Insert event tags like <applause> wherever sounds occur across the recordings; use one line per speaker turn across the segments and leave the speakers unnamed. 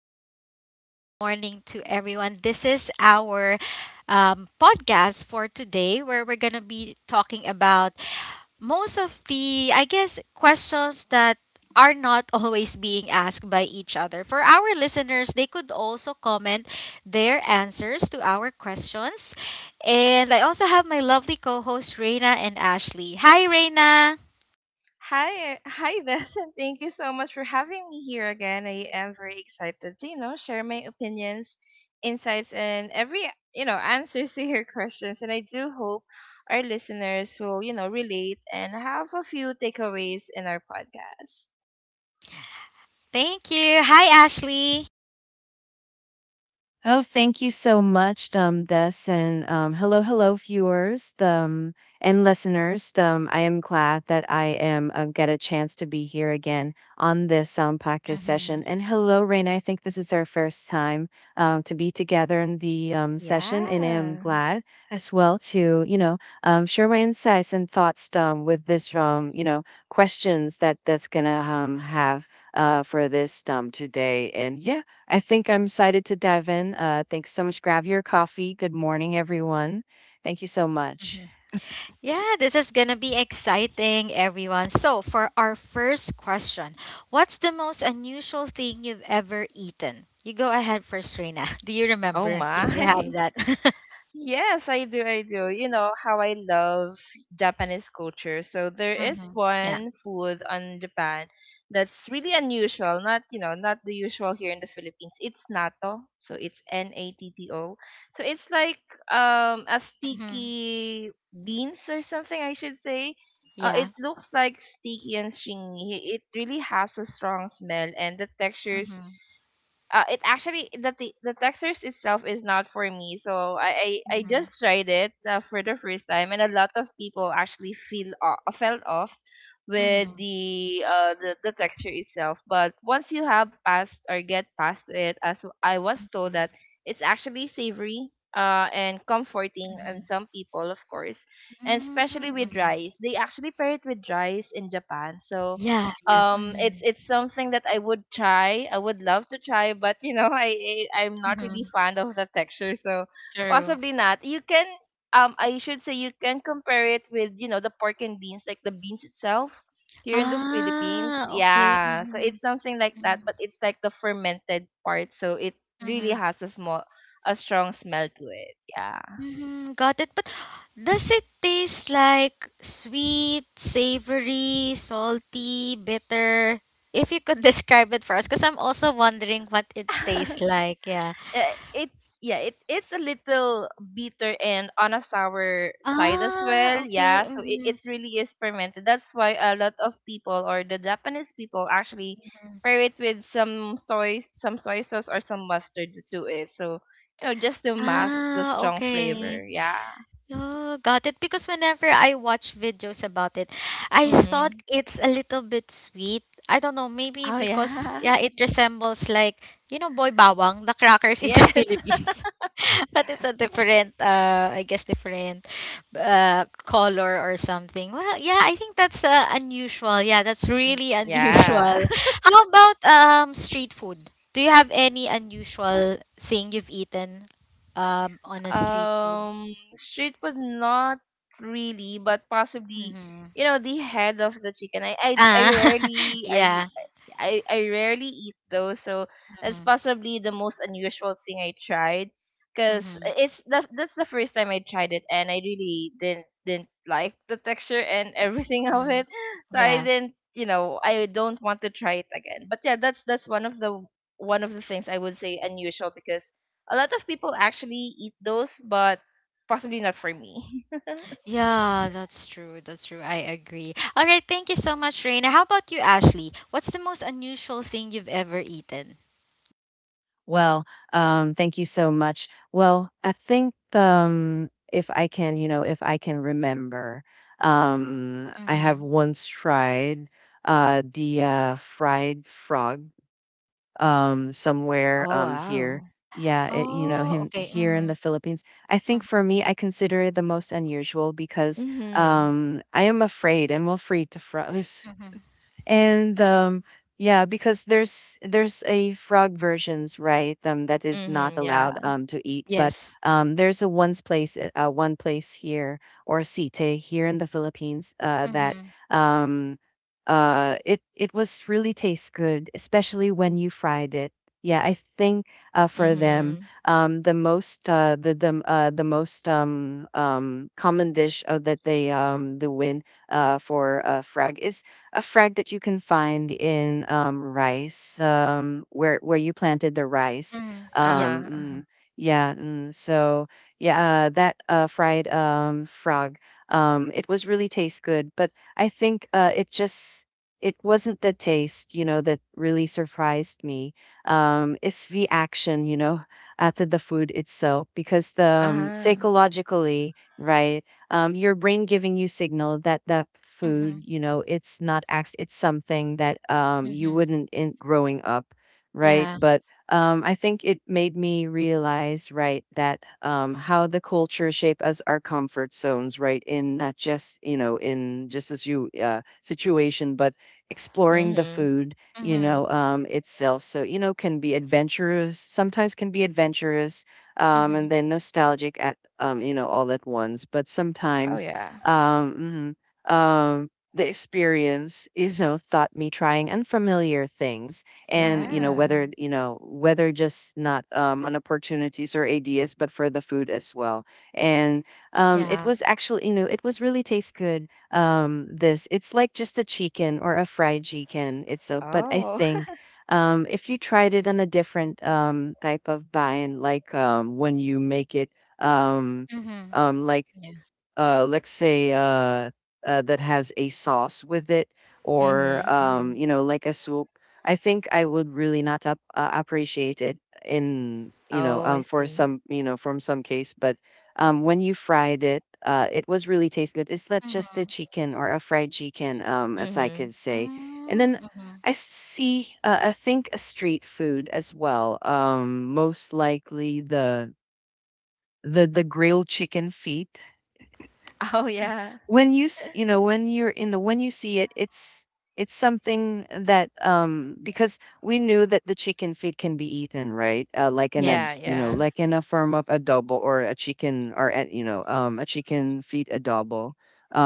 everyone. Morning, morning to everyone. This is our podcast for today where we're going to be talking about most of the, I guess, questions that are not <laughs> always being asked by each other. For our listeners, they could also comment their answers to our questions. And I also have my lovely co hosts, Reina and Ashley. Hi, Reina.
Hi, hi, <laughs> Des, and thank you so much for having me here again. I am very excited to, share my opinions, insights, and every, answers to your <laughs> questions. And I do hope our listeners will, relate and have a few takeaways in our podcast.
Thank you. Hi, Ashley.
Oh, Thank you so much, Des, and hello, hello, viewers, and listeners. I am glad that I am get a chance to be here again on this podcast
Mhm,
session. And hello, Raina. I think this is our first time to be together in the session, and I am
Yeah.
glad as well to share my insights and thoughts with this questions that that's gonna have for this today. And yeah. I think I'm excited to dive in. Thanks so much. Grab your coffee. Good morning, everyone. Thank you so much.
mhm. Yeah, this is gonna be exciting, everyone. So, for our first question, what's the most unusual thing you've ever eaten? You go ahead first, Reina. <laughs> Do you
Oh
remember if you have
my. <laughs>
that? <laughs>
Yes, I do. I do. You know how I love Japanese culture. So there is
Mm-hmm. Yeah.
one food on Japan that's really unusual. Not, not the usual here in the Philippines. It's natto. So it's Natto. So it's like a
Mm-hmm.
sticky beans or something, I should say. It
Yeah.
looks like sticky and stringy. It really has a strong smell, and the textures,
Mm-hmm.
it actually, the textures itself is not for me. So I
Mm-hmm.
just tried it for the first time, and a lot of people actually fell off with
Mm-hmm.
the texture itself. But once you have passed or get past it, as I was told that it's actually savory. And comforting,
Mm-hmm.
and some people, of course, and especially
Mm-hmm.
with rice, they actually pair it with rice in Japan. So
Yeah. Yeah. Mm-hmm.
it's something that I would love to try, but <laughs> I'm not
Mm-hmm.
really fond of the texture. So
True.
possibly not. You can I should say you can compare it with the pork and beans, like the beans itself here in the Philippines.
Ah, okay.
Yeah, so
Mm-hmm.
it's something like that,
Mm-hmm.
but it's like the fermented part, so it really
Mm-hmm.
has a strong smell to it. Yeah.
Mm-hmm, got it. But does it taste like sweet, savory, salty, bitter? If you could <laughs> describe it for us, because I'm also wondering what it tastes
<laughs>
like. Yeah.
It Yeah, it's a little bitter and on a sour side as
Ah,
well.
okay.
Yeah, so it,
Mm-hmm.
it's really is fermented. That's why a lot of people, or the Japanese people actually pair it with some soy sauce or some mustard to it. So just to mask the
Ah,
strong
okay.
flavor. Yeah.
Oh, got it. Because whenever I watch videos about it, I thought
Mm-hmm.
it's a little bit sweet. I don't know, maybe
Oh
because
yeah.
yeah, it resembles like, you know, boy bawang, the
<laughs>
crackers in the <laughs>
Yes. <laughs>
Philippines. <laughs> But it's a different I guess different color or something. Well, yeah, I think that's unusual. Yeah, that's really <laughs>
Yeah.
unusual. How about street food? Do you have any unusual thing you've eaten on a street food?
Street food, not really, but possibly,
Mhm.
the head of the chicken. I I, I
Ah, <laughs>
rarely I
yeah.
I, I rarely eat those, so that's
Hmm.
possibly the most unusual thing I tried. Cause
Hmm.
it's the that's the first time I tried it, and I really didn't like the texture and everything <laughs> of
Hmm.
it. So I
Yeah.
didn't, I don't want to try it again. But yeah, that's one of the things I would say unusual, because a lot of people actually eat those, but possibly not for me. <laughs>
Yeah, that's true. That's true. I agree. All right. Thank you so much, Raina. How about you, Ashley? What's the most unusual thing you've ever eaten?
Well, thank you so much. Well, I think if I can, if I can remember, I have
Mm-hmm.
once tried the fried frog somewhere
Oh,
here.
wow.
Yeah, it,
Oh,
him
okay.
here in
Mm-hmm.
the Philippines. I
Mm-hmm.
think for me, I consider it the most unusual because
Mhm.
I am afraid. I'm afraid to froze. <laughs>
Hmm.
And yeah, because there's a frog versions, right? That is not
Mhm.
allowed
Yeah.
to eat, but
Yes.
there's a one's place one place here or site here in the Philippines that
Mm-hmm.
um it it was really tastes good, especially when you fried it. Yeah, I think for them
Mhm.
the most common dish that they the win for frog is a frag that you can find in rice, where you planted the rice.
Mm-hmm. Yeah.
Um,
Uh-huh. Uh-huh.
mm, yeah, mm, so yeah, that fried frog, it was really taste good, but I think it just it wasn't the taste, you know, that really surprised me. It's the action, you know, after the food itself, because the
Uh-huh.
psychologically, right? Your brain giving you signal that that
Mm-hmm.
food, you know, it's not act, it's something that you
Mm-hmm.
wouldn't in growing up, right?
Yeah.
But I think it made me realize, right, that how the culture shape us our comfort zones, right, in not just you know in just as you situation, but exploring the
Mhm.
food, you
Mm-hmm.
know, itself. So you know, can be adventurous. Sometimes can be adventurous,
Mm-hmm.
and then nostalgic you know, all at once. But
Oh
sometimes,
yeah.
um, mhm, the experience, you know, taught me trying unfamiliar things, and
Mm-hmm.
Yeah.
you know, whether just not on opportunities or ideas, but for the food as well. And it
Yeah.
was actually, you know, it was really taste good. This, it's like just a chicken or a fried chicken. It's a, but I
Oh.
think
<laughs>
if you tried it on a different type of bun, like when you make it um,
Mm-hmm.
like
Yeah.
let's say that has a sauce with it, or
Mhm. Mhm.
you know, like a soup. I think I would really not up, appreciate it in you know
Oh, I
for
see.
some you know from some case, but when you fried it, it was really taste good. It's not just a
Mm-hmm.
chicken or a fried chicken, as I
Mhm.
could say, and then.
Mm-hmm.
I see. I think a street food as well. Most likely the grilled chicken feet.
<laughs> Oh yeah.
When you you know when you're in the when you see it, it's something that because we knew that the chicken feet can be eaten, right? Like in a
Yeah,
Yes.
you know
yeah.
Yes.
like in a firm of adobo or a chicken or a, you know a chicken feet adobo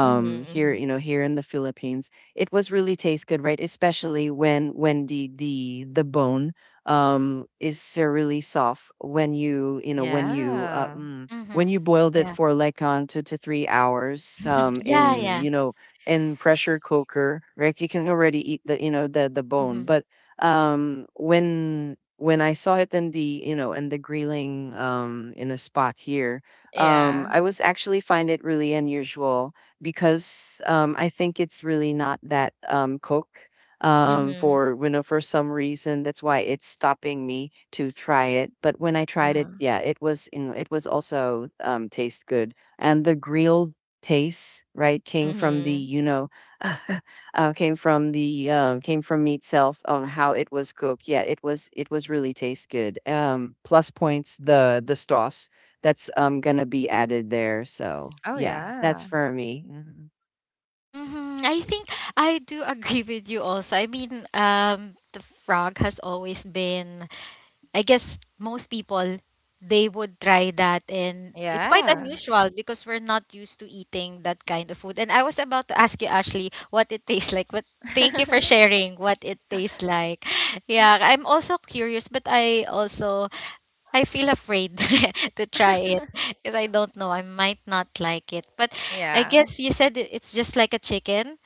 Mhm.
here
Mhm.
you know here in the Philippines, it was really taste good, right? Especially when the bone is really soft when you know when you
Yeah.
when
Mm-hmm.
you boiled it for like on 2 to 3 hours
<laughs> Yeah,
in
yeah.
you
Mhm.
know in pressure cooker, right? You can already eat the you know the bone,
Hmm.
but when I saw it in the you know in the grilling in a spot here,
Yeah.
I was actually find it really unusual because I think it's really not that cook
Mhm.
for you know for some reason, that's why it's stopping me to try it. But when I tried it,
Uh-huh.
yeah, it was in it was also taste good, and the grilled taste, right, came from the
Mhm.
you know <laughs> came from meat itself on how it was cooked. Yeah, it was really taste good, plus points, the sauce that's gonna be added there. So
Oh
yeah, that's
yeah.
for me. Mhm.
Hmm. I think I do agree with you also. I mean, the frog has always been, I guess most people they would try that and it's quite
Yeah.
unusual because we're not used to eating that kind of food. And I was about to ask you, Ashley, what it tastes like, but thank you for
<laughs>
sharing what it tastes like. <laughs> Yeah, I'm also curious, but I also I feel afraid <laughs> to try it because I don't know. I might not like it. But I
Yeah.
guess you said it- it's just like a chicken.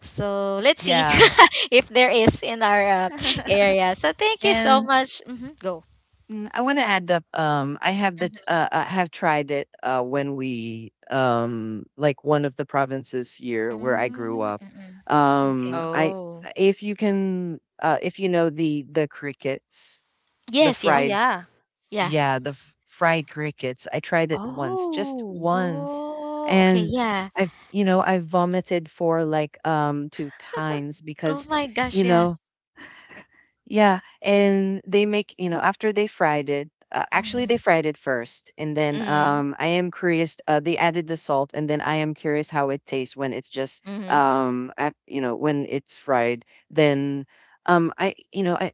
So let's see <laughs>
yeah
if there is in our area.
<laughs>
So thank you so
and
much. Hmm. Go.
Mm, I want to add up. Um, I have the
Mm-hmm.
uh, I have tried it when we like one of the provinces here where I grew up.
Mm-mm. Okay.
I
Oh.
If you can if you know the crickets, the
Yes,
Oh,
fried,
yes.
yeah.
Yeah.
yeah, fried crickets. I tried it once, just
Oh.
once,
Oh, okay.
and
Yeah.
I've you know I vomited for like two times
Oh
because
my gosh.
you
Yeah.
know. Yeah, and they make, you know, after they fried it, actually they
Mm-hmm.
fried it first, and then
Mhm.
I am curious, they added the salt, and then I am curious how it tastes when it's just
Mhm.
at, you know, when it's fried. Then I you know, I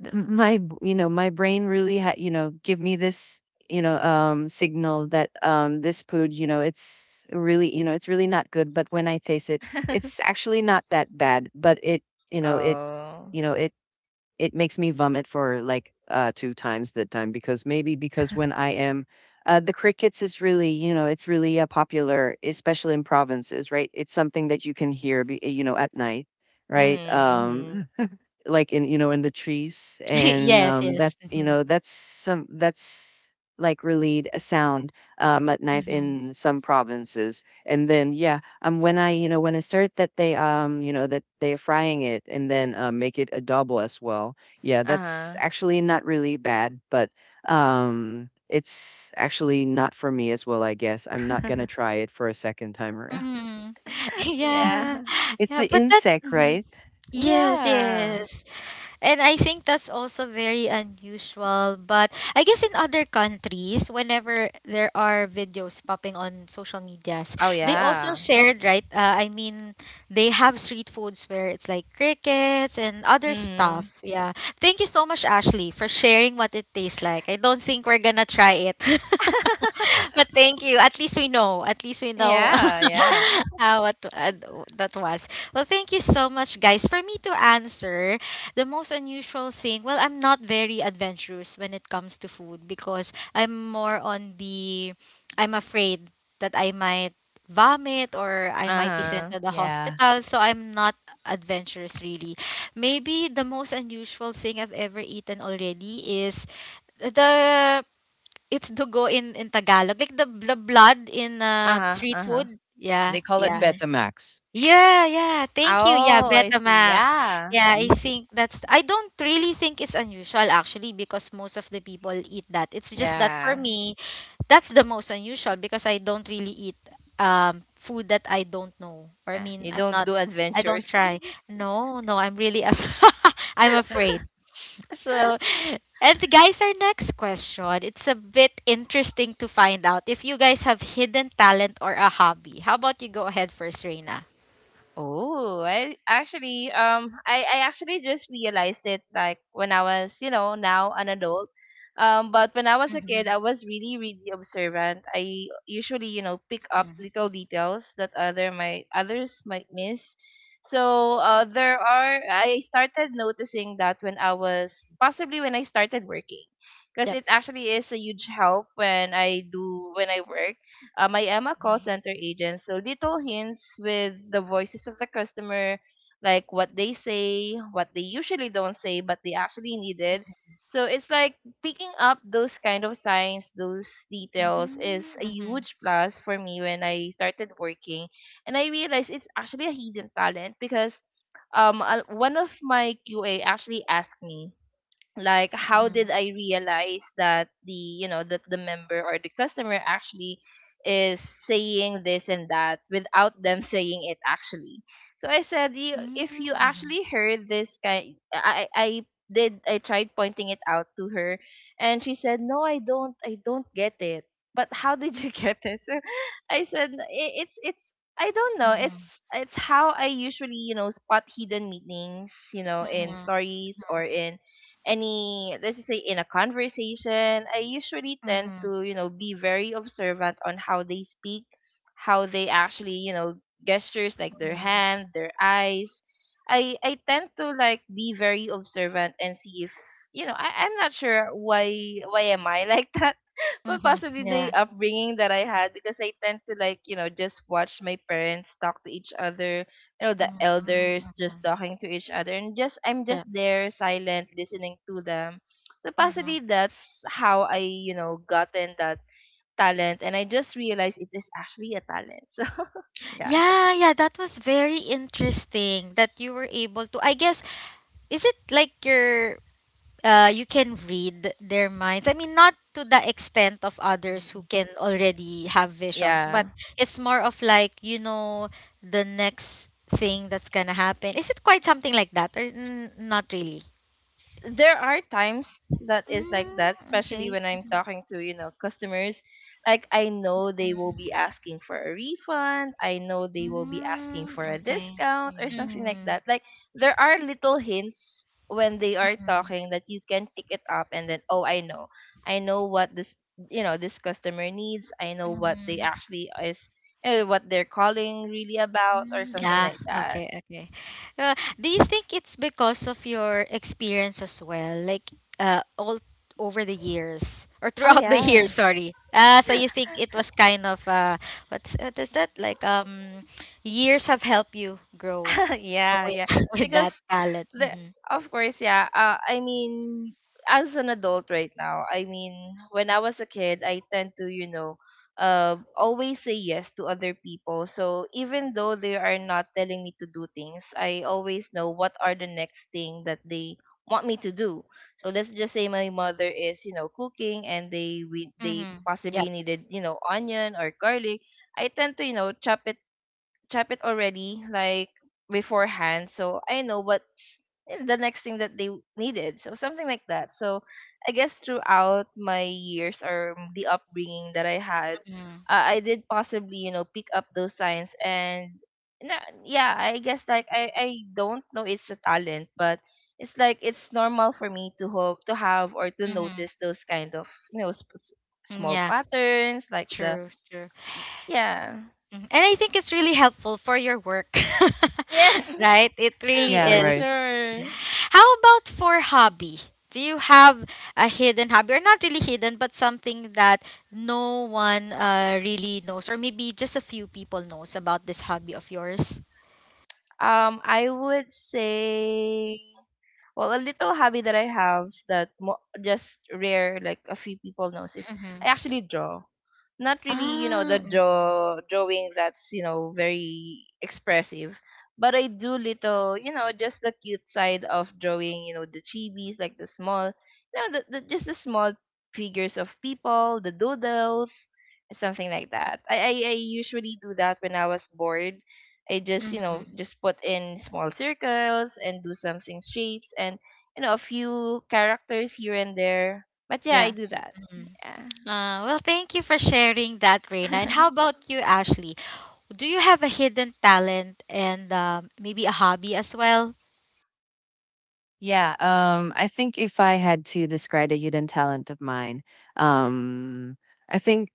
you know, my brain really had, you know, give me this, you know, signal that this food, you know, it's really, you know, it's really not good, but when I taste it, it's
<laughs>
actually not that bad, but it, you know, it
Oh.
you know it makes me vomit for like two times that time, because maybe because when I am the crickets is really, you know, it's really popular, especially in provinces, right? It's something that you can hear you know at night, right?
Mhm. Mhm.
Like in you know in the trees, and
<laughs> Yes, yes.
that's you
Mm-hmm.
know that's some that's like relayed a sound, mud knife
Mm-hmm.
in some provinces, and then yeah, when I you know when I start that they you know that they're frying it, and then make it a double as well. Yeah, that's
Uh-huh.
actually not really bad, but it's actually not for me as well. I guess I'm not gonna
<laughs>
try it for a second time around.
Mm-hmm. <laughs> Yeah.
Yeah.
It's
Yeah,
the
but that's.
insect,
Mhm.
right?
Yes,
Yeah.
yes. And I think that's also very unusual. But I guess in other countries, whenever there are videos popping on social medias,
Oh,
they also
yeah.
shared, right? I mean, they have street foods where it's like crickets and other stuff.
Mhm.
Yeah. Thank you so much, Ashley, for sharing what it tastes like. I don't think we're gonna try it. <laughs>
<laughs>
But thank you. At least we know. At least we know
Yeah, yeah.
<laughs> how what that was. Well, thank you so much, guys. For me to answer, the most unusual thing, well, I'm not very adventurous when it comes to food because I'm more on the I'm afraid that I might vomit or I might be sent
Uh-huh.
to the
Yeah,
hospital, so I'm not adventurous really. Maybe the most unusual thing I've ever eaten already is the it's dugo in Tagalog, like the blood in
Uh-huh,
street
uh-huh.
food.
they
Yeah,
call it
yeah.
Mhm.
betamax.
Yeah, yeah. Thank you. Yeah,
Oh, I
Mm.
see.
Betamax.
Yeah.
Yeah, I think that's I don't really think it's unusual actually because most of the people eat that. It's just that for
Yeah.
me, that's the most unusual because I don't really eat food that I don't know. Or I
Yeah.
mean,
You
I'm
don't
not
do
I don't
adventures.
try. No, no, I'm really af <laughs> I'm afraid. So, and guys, our next question. It's a bit interesting to find out if you guys have hidden talent or a hobby. How about you go ahead first, Reina?
Oh, I actually just realized it, like when I was, now an adult. But when I was a kid,
Mhm,
I was really, really observant. I usually, pick up
mhm.
little details that other my others might miss. So, there are I started noticing that when I started working, because
Yep.
it actually is a huge help when I do when I work. I am a call center agent, so little hints with the voices of the customer, like what they say, what they usually don't say, but they actually needed. So it's like picking up those kind of signs, those details
Mm,
is a
mhm,
huge plus for me when I started working. And I realized it's actually a hidden talent, because one of my QA actually asked me, like, how
mhm.
did I realize that the you know that the member or the customer actually is saying this and that without them saying it actually. So I said, you
Mm,
if you
mhm,
actually heard this kind, I tried pointing it out to her, and she said, no, I don't get it, but how did you <laughs> get it? So I said, "It's I don't know
mhm,
it's how I usually spot hidden meanings, in
mhm,
stories or in any let's just say in a conversation. I usually tend
mhm,
to, be very observant on how they speak, how they actually, gestures, like their
mhm,
hand, their eyes. I tend to, like, be very observant and see if, I'm not sure why am I <laughs> like that. Well,
mhm.
possibly
Yeah.
the upbringing that I had, because I tend to, like, just watch my parents talk to each other, the
Mhm,
elders just
mhm.
talking to each other, and just I'm just
Yep.
there silent listening to them. So
Mhm.
possibly that's how I, gotten that talent, and I just realized it is actually a talent. <laughs> So yeah,
Yeah, yeah, that was very interesting that you were able to. I guess, is it like your you can read their minds. I mean, not to the extent of others who
Mm,
can already have visions, but
yeah.
it's more of like, you know, the next thing that's gonna happen. Is it quite something like that? Or n- not really?
There are times that is like
Mm,
that, especially
okay.
when I'm talking to, customers. Like, I know they will be
Mm,
asking for a refund. I know they will be asking
mm,
for a
okay.
discount or
mm.
something like
Mm-hmm.
that. Like, there are little hints when they are talking that you can pick it up, and then, oh, I know. I know what this customer needs. I know what they
Mm-hmm.
actually is eh, what they're calling really about or
Mm,
something
yeah,
like that.
okay, okay. Uh, do you think it's because of your experience as well, like all over the years or
Oh
throughout the years?
yeah.
Sorry. So you think it was kind of what's what is that like? Years have helped you grow
<laughs> Yeah,
with
yeah.
<laughs> with
Because
that talent.
the
Mm-hmm.
of course, yeah, I mean, as an adult right now, I mean, when I was a kid, I tend to, always say yes to other people. So even though they are not telling me to do things, I always know what are the next thing that they want me to do. So let's just say my mother is, cooking, and they they
Mm-hmm.
possibly
Yep.
needed, onion or garlic. I tend to, chop it, type it already, like, beforehand, so I know what's the next thing that they needed. So something like that. So I guess throughout my years, or the upbringing that I had,
Mm-hmm.
I did possibly, pick up those signs. And yeah, I guess like, I don't know, it's a talent, but it's like it's normal for me to hope to have or to
Mm-hmm.
notice those kind of, small
Yeah.
patterns, like the
True. True.
yeah.
Mhm. And I think it's really helpful for your work,
Yes.
<laughs> right? It
<laughs>
really
Yeah,
For
right.
is.
sure.
How about for hobby? Do you have a hidden hobby, or not really hidden, but something that no one really knows, or maybe just a few people knows about this hobby of yours?
I would say, well, a little hobby that I have that just rare, like a few people knows, is
Mm-hmm.
I actually draw. Not really, the
Ah, mm-hmm.
drawing that's, very expressive, but I do little, just the cute side of drawing. The chibis, like the small, you know, the just the small figures of people, the doodles, something like that. I usually do that when I was bored. I just,
Hmm
just put in small circles and do something shapes, and, a few characters here and there. But yeah, I
yeah.
do that.
Mm-hmm.
Yeah.
Well, thank you for sharing that, Reina. And how
<laughs>
about you, Ashley? Do you have a hidden talent and maybe a hobby as well?
Yeah, I think if I had to describe a hidden talent of mine, um, I think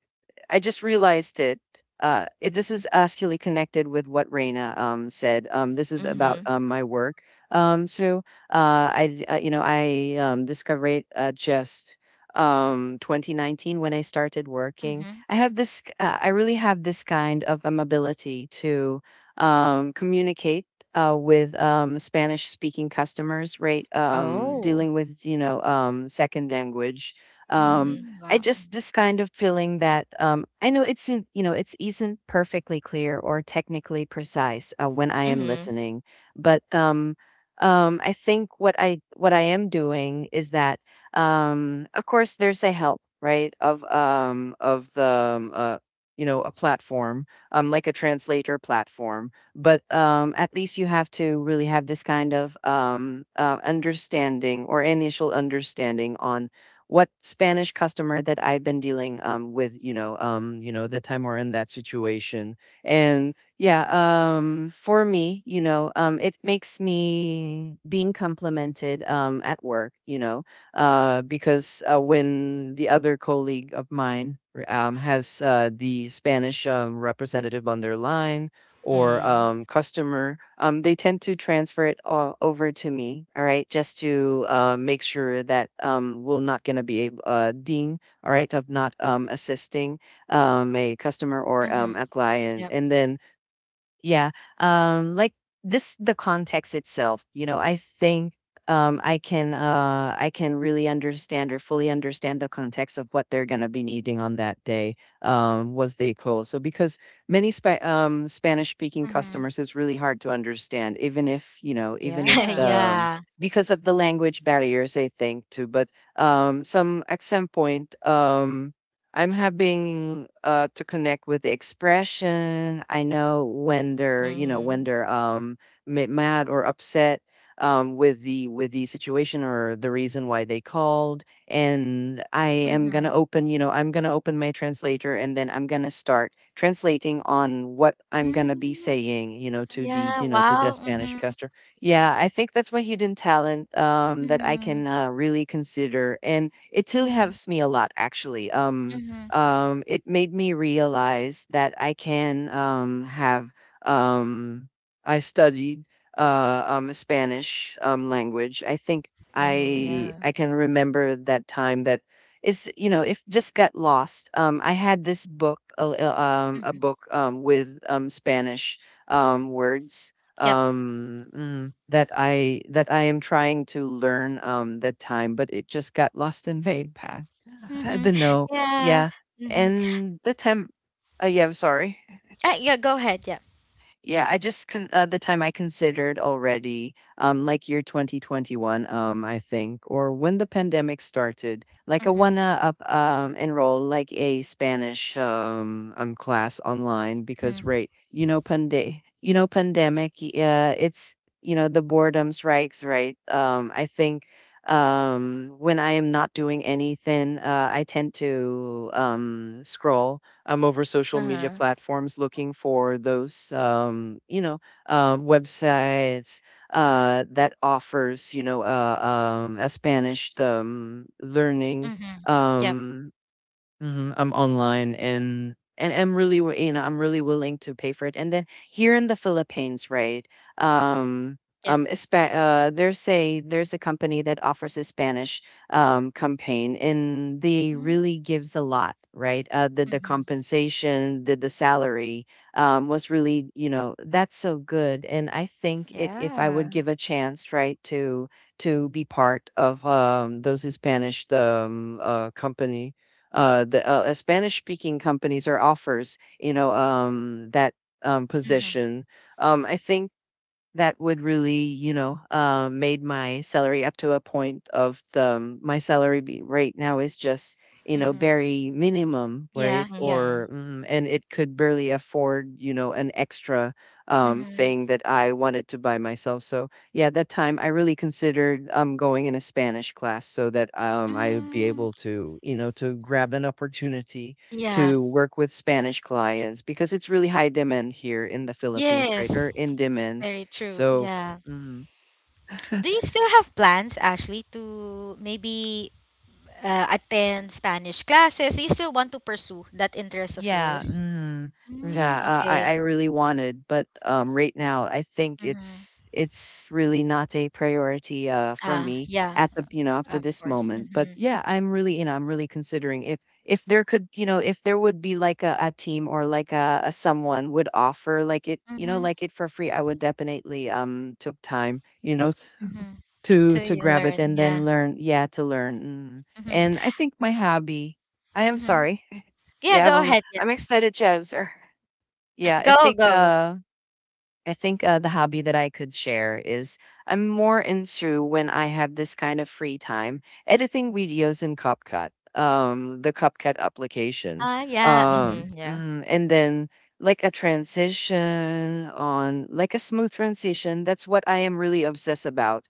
I just realized it. It this is actually connected with what Raina said. This is about
Mhm.
my work. Um, so uh, I you know I discovered just 2019 when I started working.
Mhm,
I have this. I really have this kind of ability to communicate with Spanish speaking customers, right?
mhm.
Oh.
Dealing with, you know, second language. Um,
Mhm.
Mm,
I
wow.
just this kind of feeling that I know it's in, you know it's isn't perfectly clear or technically precise when I am
Mhm.
listening, but I think what I am doing is that of course there's a help, right, of the you know a platform, like a translator platform, but at least you have to really have this kind of understanding or initial understanding on what Spanish customer that I've been dealing with, you know, the time we're in that situation. And yeah, for me, you know, it makes me being complimented at work, you know, because when the other colleague of mine has the Spanish representative on their line, or
Mhm.
customer, they tend to transfer it all over to me. All right, just to make sure that we're not gonna be able, dean. All right, of not assisting a customer or
Mhm.
a client,
Yep.
and then yeah. Like this, the context itself, you know, I think I can really understand or fully understand the context of what they're gonna be needing on that day. Was the call so because many Spanish speaking
Mhm.
customers is really hard to understand, even if you know, even if
<laughs>
the
Yeah.
um,
Yeah.
because of the language barriers, I think too. But some at some point, I'm having to connect with the expression. I know when they're, you know, when
Mhm.
they're mad or upset with the situation or the reason why they called. And I am
Mhm.
gonna open, you know, I'm gonna open my translator, and then I'm gonna start translating on what I'm gonna be
Mm,
saying you know, to the,
yeah.
you know, to the
Wow.
Spanish
Mhm.
customer. Yeah, I think that's my hidden talent that I
Mhm.
can really consider, and it still
Mhm.
helps me a lot actually.
Mhm.
It made me realize that I can have. Um, I studied Spanish language. I think
Mhm.
I
Mhm.
Yeah.
I can remember that time that is, you know, if just got lost. I had this book a
Mhm.
book with Spanish words,
Yep.
that I am trying to learn that time, but it just got lost in vague. I
Mhm.
don't know.
Yeah.
Yeah.
Mhm.
And the temp. Yeah, I'm sorry.
Ah, yeah. Go ahead. Yep.
Yeah, the time I considered already, like year 2021, I think, or when the pandemic started. Like I
Mhm.
enroll like a Spanish class online because,
Mhm.
right, you know, pandemic. It's the boredom strikes, right. I think when I am not doing anything, I tend to scroll I'm over
Uh
social media
huh.
platforms looking for those, websites that offers, a Spanish learning
Mhm. Yep.
um, Mhm, I'm online, and I'm really, I'm really willing to pay for it. And then here in the Philippines, right? Um,
Yep.
there's a company that offers a Spanish campaign, and they
Mhm.
really gives a lot, right? The
Mhm.
compensation, the salary, was really, that's so good. And I think it, if I would
Yeah.
give a chance, right, to be part of those Spanish the company, the Spanish speaking companies or offers, that
Mhm.
position. I think that would really, made my salary up to a point of the my salary be right now is just
Mhm.
very minimum, right?
Yeah. Yeah.
Mhm.
Or and it could barely afford an extra
Mhm.
thing that I wanted to buy myself. So yeah, that time I really considered going in a Spanish class so that I would be
Mm,
able to grab an opportunity
yeah.
to work with Spanish clients, because it's really high demand here in the Philippines,
Yes.
greater in demand.
Very true.
So,
Yeah.
mm, <laughs>
Do you still have plans, Ashley, to maybe attend Spanish classes? Do you still want to pursue that interest of
yeah,
yours?
yeah,
Mm,
I
okay.
I really wanted, but right now I think
Mm-hmm.
it's really not a priority for
Ah,
me
yeah,
at the up to
of
this
course.
moment. But
Mm-hmm.
yeah, I'm really I'm really considering, if there could if there would be like a team or like a someone would offer like it
Mm-hmm.
like it for free, I would definitely took time
Mm-hmm.
to
Till you
grab it
learn,
and
yeah.
then learn, yeah, to learn. Mm.
Mm-hmm.
And I think my hobby, I am
Mm-hmm.
sorry. <laughs>
Yeah,
Yeah,
go ahead. Yeah,
I'm excited, Jazzer. Yeah,
go, go, go.
I think, the hobby that I could share is I'm more into, when I have this kind of free time, editing videos in CapCut, the CapCut application,
Ah, yeah. Mm-hmm.
Mhm. Yeah.
and then like a transition, on like a smooth transition. That's what I am really obsessed about.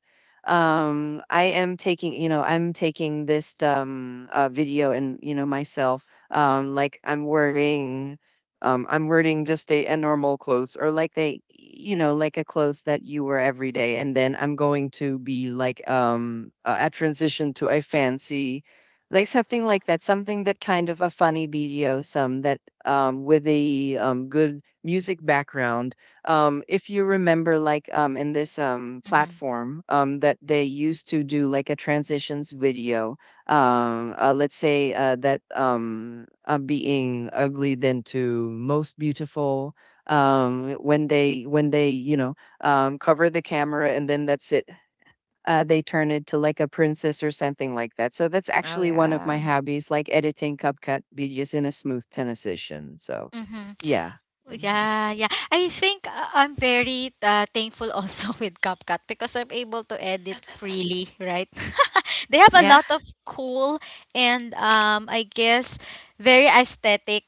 I'm taking this video and, you know, myself, like I'm wearing just a normal clothes, or like they, you know, like a clothes that you wear every day. And then I'm going to be like a transition to a fancy, like something like that, something that kind of a funny video, some that with a good music background. If you remember, like in this
Mm-hmm.
platform that they used to do like a transitions video, let's say that being ugly then to most beautiful, when they cover the camera, and then that's it. They turn it to like a princess or something like that, so that's
Oh
actually one of my
yeah.
hobbies, like editing CapCut videos in a smooth transition. So
Mm-hmm.
yeah. Mhm.
Yeah, yeah. I think I'm very thankful also <laughs> with CapCut because I'm able to edit freely, right? <laughs> They have a
Yeah.
lot of cool and I guess very aesthetic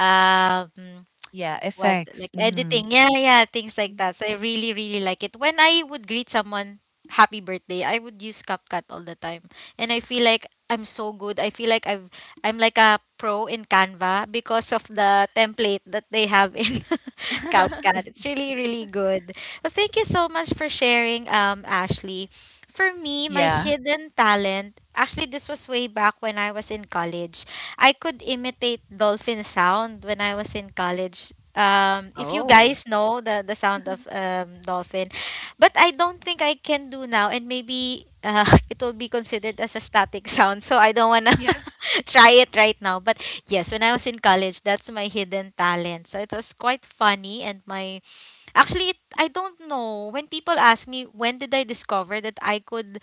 um
Yeah.
what
Effects.
like
Mm.
editing yeah yeah things like that so I really really like it when I would greet someone happy birthday I would use CapCut all the time and I feel like I'm so good I feel like I'm like a pro in Canva because of the template that they have in <laughs> CapCut.
<laughs>
It's really, really good. Well, thank you so much for sharing, Ashley. For me, my
Yeah.
hidden talent, actually, this was way back when I was in college. I could imitate dolphin sound when I was in college if you
Oh,
guys know the sound of dolphin but I don't think I can do now and maybe <laughs> it will be considered as a static sound so I don't want to
Yeah.
<laughs> try it right now but yes when I was in college that's my hidden talent so it was quite funny and my actually I don't know when people ask me when did I discover that I could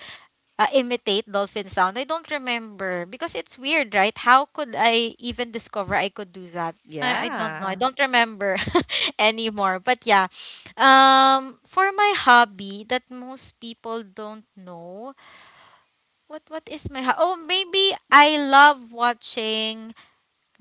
imitate dolphin sound. I don't remember because it's weird, right? How could I even discover I could do that? I don't know. I
yeah.
don't remember <laughs> anymore. But yeah, for my hobby that most people don't know, what is my ho- oh maybe I love watching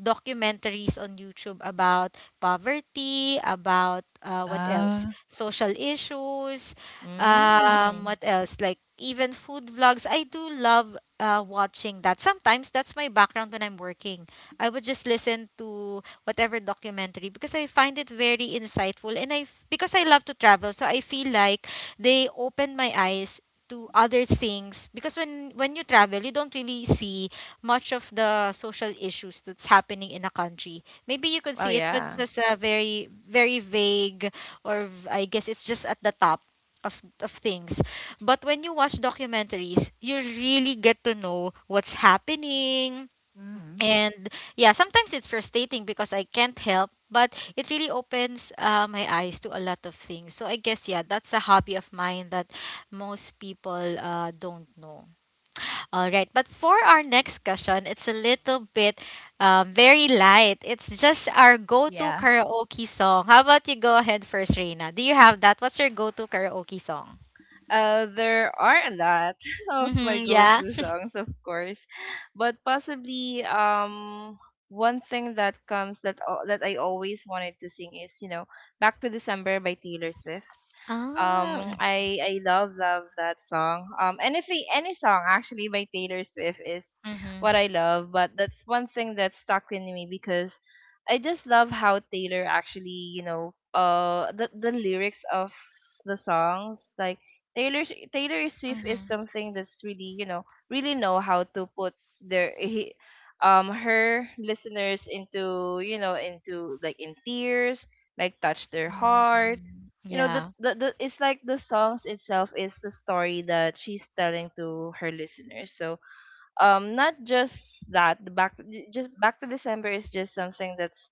documentaries on YouTube about poverty, about what else?
Uh,
Social issues,
Mm.
what else? Like even food vlogs. I do love watching that. Sometimes that's my background when I'm working. I would just listen to whatever documentary because I find it very insightful and I f- because I love to travel, so I feel like they open my eyes to other things because when you travel you don't really see much of the social issues that's happening in a country. Maybe you could
Oh
see it, but
yeah.
just a very, very vague, or v- I guess it's just at the top of things. But when you watch documentaries, you really get to know what's happening.
mm.
And yeah, sometimes it's frustrating because I can't help, but it really opens my eyes to a lot of things. So I guess, yeah, that's a hobby of mine that most people don't know. All right, but for our next question, it's a little bit very light. It's just our go to
Yeah.
karaoke song. How about you go ahead first, Reina? Do you have that? What's your go to karaoke song?
There are a lot <laughs> of my
Mm-hmm, yeah.
go-to
<laughs>
songs, of course, but possibly one thing that comes that al- that I always wanted to sing is, "Back to December" by Taylor Swift.
Oh,
I love love that song. And if any song actually by Taylor Swift is
mm-hmm,
what I love, but that's one thing that stuck with me because I just love how Taylor actually, the lyrics of the songs, like Taylor Swift, is
mm-hmm,
something that's really, really know how to put their he, her listeners into, like, in tears, like touch their heart.
mm-hmm. Yeah.
The It's like the songs itself is the story that she's telling to her listeners. So not just that the back j- just "Back to December" is just something that's,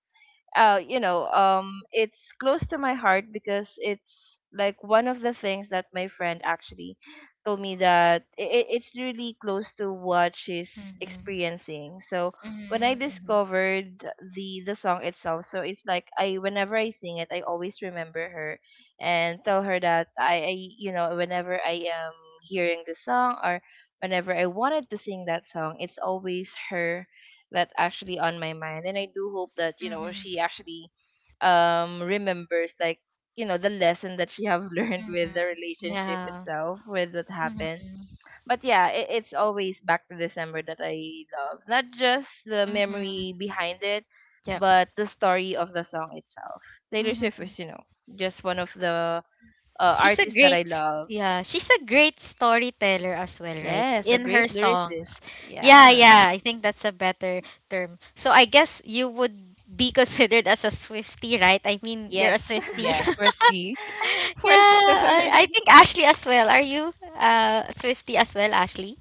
it's close to my heart, because it's like one of the things that my friend actually told me that it's really close to what she's
Mm-hmm,
experiencing. So when I
mm-hmm,
discovered the song itself, so it's like I whenever I sing it, I always remember her and tell her that I, whenever I am hearing the song or whenever I wanted to sing that song, it's always her that actually on my mind. And I do hope that you
mm-hmm,
know
mm-hmm,
she actually remembers like you know the lesson that she have <laughs> learned
mm-hmm.
with the relationship
Yeah.
itself with what happened.
Mm-hmm,
But yeah, it's always Back to December that I love, not just the
mm-hmm.
memory behind it but the story of the song itself. Taylor Swift
Yep.
is you know just one of the
She's a
artists that I
great s-
love.
yeah, she's a great storyteller as well, right?
Yes, a
In her
great
songs.
lyricist,
Yeah,
yeah.
yeah, I think that's a better term. So I guess you would be <laughs> considered as a Swifty, right? I mean, you're a
Yes.
Swifty.
Yes.
<laughs>
Swifty.
<laughs>
yeah,
For sure.
I think Ashley as well. Are you Swifty as well, Ashley?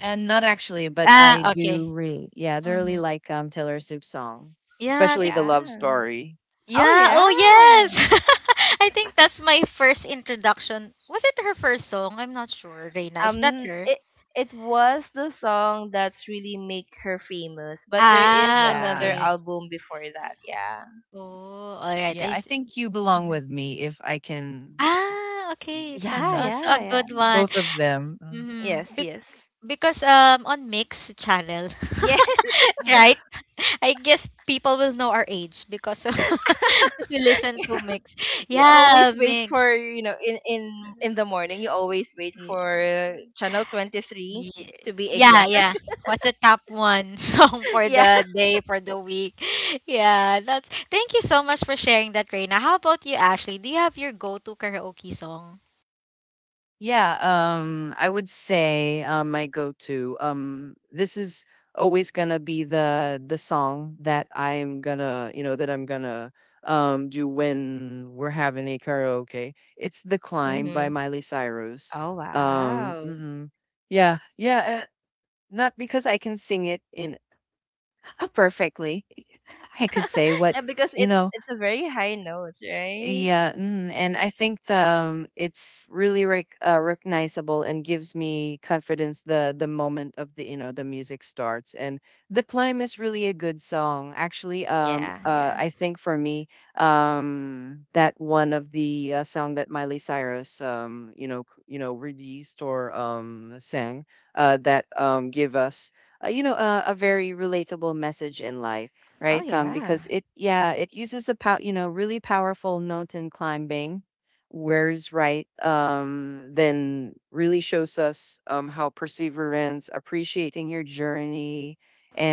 And not actually, but I
Ah,
do
okay.
read. Yeah, they really
Mm-hmm.
like, Taylor Swift's song.
<laughs>
Yeah,
Especially the love
Yeah.
story.
Oh
yeah,
yeah.
oh yes. <laughs> I think that's my first introduction. Was it her first song? I'm not sure, Reina. Is that
Um
her?
it it was the song that's really make her famous, but there is
Ah,
another
Yeah.
okay.
album before that. Yeah.
Oh, alright.
Yeah,
I
I
s
think "You Belong
mhm.
With Me" if I can.
Ah,
Y
okay. That's
Yeah,
Mhm,
also a
yeah, yeah.
good one.
both of them,
Yes,
Mhm. Be
yes.
because on Mix channel,
Yes. <laughs>
<laughs> right?
<laughs>
I guess people will know our age because of <laughs> because we listen to
Yeah.
Mix.
You
Yeah,
always wait
Mix.
for, you know, in the morning, you always wait
Yeah.
for channel 23 to
Yeah,
be
yeah.
exact.
yeah. What's the top one <laughs> song for
<laughs> Yeah.
the day, for the week? <laughs> Yeah, that's. Thank you so much for sharing that, Reina. How about you, Ashley? Do you have your go-to karaoke song?
Yeah, I would say my go-to. This is always gonna be the song that I'm gonna, you know, that I'm gonna do when we're having a karaoke. It's "The Climb" by
Mhm.
Miley
Oh
Cyrus.
wow.
Mhm. Yeah, yeah. Not because I can sing it in perfectly. <laughs> I could say,
<laughs>
what,
Yeah, because
you
it's
know.
it's a very high note, right?
Yeah, and I think the, it's really recognizable, and gives me confidence the moment of the, you know, the music starts, and The Climb is really a good song actually.
Yeah, yeah.
I think for me, that one of the song that Miley Cyrus released or sang, that give us a very relatable message in life,
Oh
right?
yeah.
Because it, yeah, it uses a really powerful note in climbing. Where's right? Then really shows us how perseverance, appreciating your journey,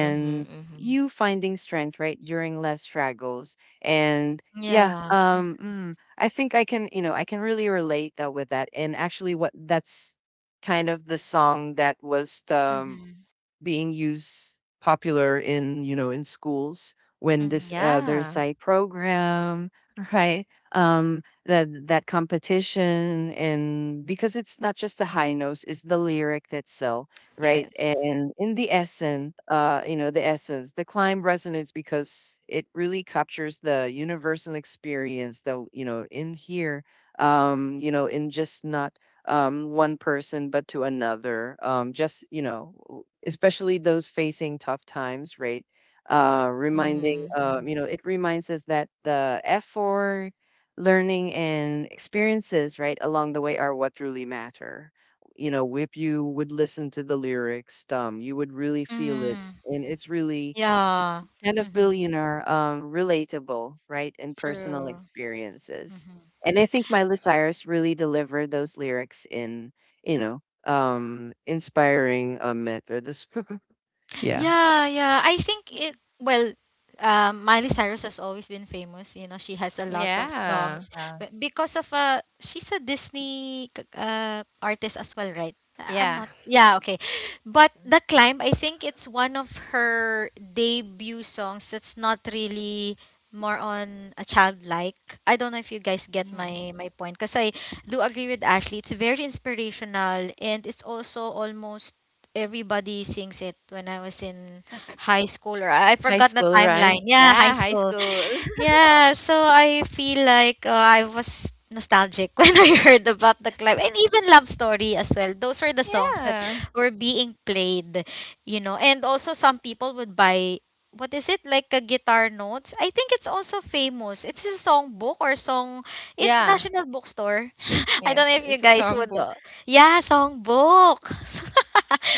Mhm, mhm.
you finding strength, right, during less struggles. And yeah,
Yeah. Mm,
I think I can really relate with that. And actually, what that's kind of the song that was the
mhm.
being used popular in, you know, in schools when this,
Mhm.
there's
Yeah.
a program. <laughs> Right, that competition, and because it's not just the high notes, it's the lyric that sell, right.
Yes.
And in the essence, the essence, The Climb resonance, because it really captures the universal experience, though, you know, in here, in just not one person but to another. Just, you know, especially those facing tough times, right?
Mhm.
You
Mhm.
know, it reminds us that the effort, learning, and experiences, right, along the way are what truly matter. You know, if you would listen to the lyrics, you would really feel it,
Mhm.
and it's really
Yeah.
kind of
Mhm.
billionaire, relatable, right, and personal
True.
experiences.
Mhm.
And I think Miley Cyrus really delivered those lyrics in, you know, inspiring methods. <laughs> Yeah.
Yeah, yeah. I think
Mhm.
it well, Miley Cyrus has always been famous. You know, she has a lot of
Yeah.
Yeah.
songs
Uh,
but because of she's a Disney artist as well, right? I'm
Yeah.
not. Yeah, okay. But
mhm.
The Climb, I think it's one of her debut songs that's not really more on a childlike. I don't know if you guys get
Mhm.
my point because I do agree with Ashley. It's very inspirational and it's also almost everybody sings it when I was in high school or I
High
forgot the
school, right?
timeline. Yeah,
Yeah,
high
high
school.
school. <laughs>
Yeah, so I feel like I was nostalgic <laughs> when I heard about the club and even Love Story as well. Those were the songs that
Yeah.
were being played, you know. And also some people would buy what is it like a guitar notes? I think it's also famous. It's a song book or song in
Yeah.
National Bookstore. <laughs> I don't know
Yes,
if you
it's a
guys would
songbook.
yeah, songbook.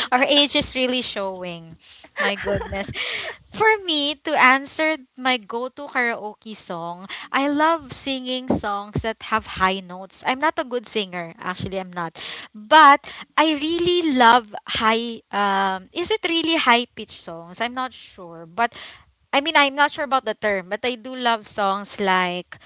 <laughs> Our age is really showing. My goodness. For me, to answer my go to karaoke song, I love singing songs that have high notes. I'm not a good singer. Actually, I'm not. But I really love high, is it really high pitch songs? I'm not sure. But I mean, I'm not sure about the term, but I do love songs like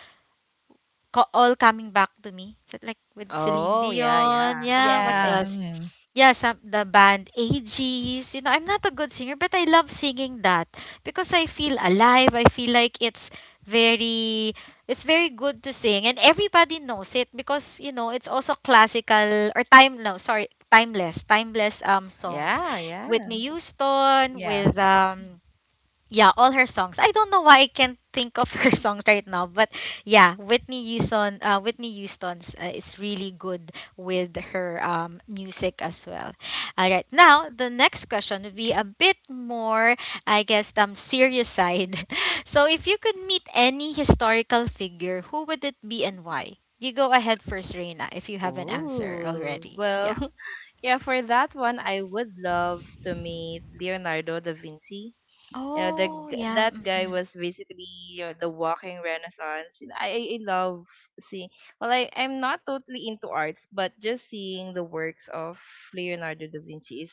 all coming back to me. So, like with Celine
Oh, yeah,
Dion,
yeah.
yeah, what
Mhm.
Yeah.
else?
Mhm.
Yeah, some the band AGs. You know, I'm not a good singer, but I love singing that because I feel alive. I feel like very it's very good to sing and everybody knows it because you know it's also classical or time no sorry timeless timeless songs,
Yeah, yeah.
Whitney Houston
Yeah.
with yeah, all her songs. I don't know why I can't think of her <laughs> songs right now, but yeah, Whitney Houston, Whitney Houston's is really good with her music as well. All right, now the next question would be a bit more, I guess, serious side. <laughs> So, if you could meet any historical figure, who would it be and why? You go ahead first, Reina, if you have an answer
Ooh.
already.
Well,
Yeah.
<laughs> yeah, for that one I would love to meet Leonardo da Vinci. You know, the
Oh,
g-
yeah.
that guy
Mm-hmm.
was basically you know, the walking renaissance. And I love seeing. Well, I'm not totally into arts, but just seeing the works of Leonardo da Vinci is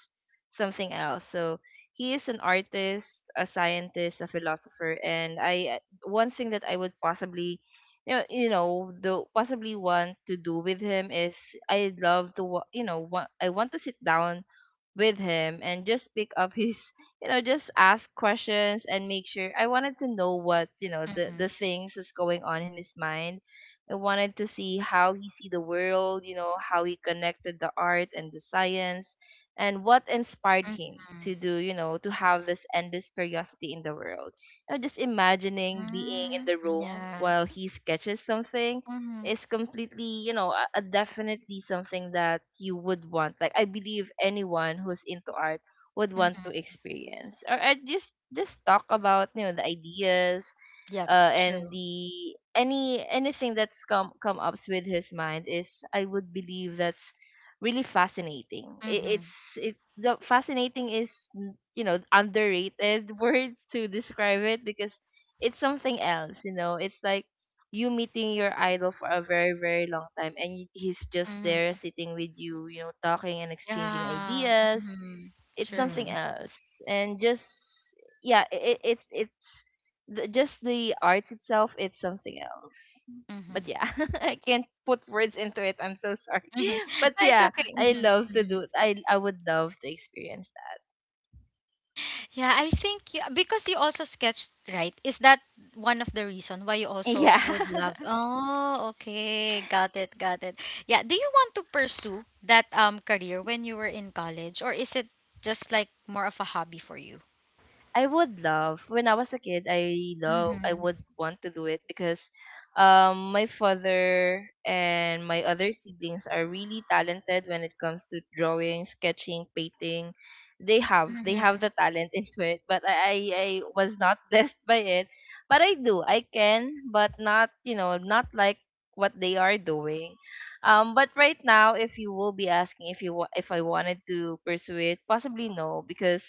something else. So he is an artist, a scientist, a philosopher, and I one thing that I would possibly you know the possibly want to do with him is I love to I want to sit down with him and just pick up his <laughs> you know just ask questions and make sure I wanted to know what you know the
Mm-hmm.
things that's going on in his mind. I wanted to see how he see the world, you know, how he connected the art and the science and what inspired him
Mm-hmm.
to do you know to have this endless curiosity in the world. You know, just imagining being in
Mm,
the room
yeah.
while he sketches something
Mm-hmm.
is completely, you know, a definitely something that you would want. Like I believe anyone who's into art would want to
Mm-hmm.
experience. Or I just talk about, you know, the ideas,
Yep.
and
True.
the anything that's come up with his mind is I would believe that's really fascinating. It,
Mm-hmm.
it's it the fascinating is mm, you know, underrated <laughs> word to describe it because it's something else. You know, it's like you meeting your idol for a very very long time and he's just there
Mm-hmm.
sitting with you, you know, talking and exchanging
Yeah.
ideas.
Mm-hmm.
It's something
True.
Mm.
else. And just yeah, it's the, just the art itself it's something else. But
Mm-hmm.
yeah, <laughs> I can't put words into it, I'm so sorry.
Mm-hmm.
<laughs>
<laughs>
But
No, it's
yeah,
okay.
i
Mm-hmm.
love to
Mm-hmm.
do i i would love to experience that.
Yeah, I think you, because you also sketched, right? Is that one of the reason why you also
Yeah.
would
<laughs>
love? Oh, okay. Got it. Got it. Yeah. Do you want to pursue that career when you were in college, or is it just like more of a hobby for you?
I would love when I was a kid I love I would
Mm-hmm.
want to do it because my father and my other siblings are really talented when it comes to drawing, sketching, painting. They have
Mm-hmm.
the talent <laughs> into it, but I was not <laughs> blessed by it. But I do. I can, but not, you know, not like what they are doing. But right now, if you will be asking if you if I wanted to pursue it, possibly no, because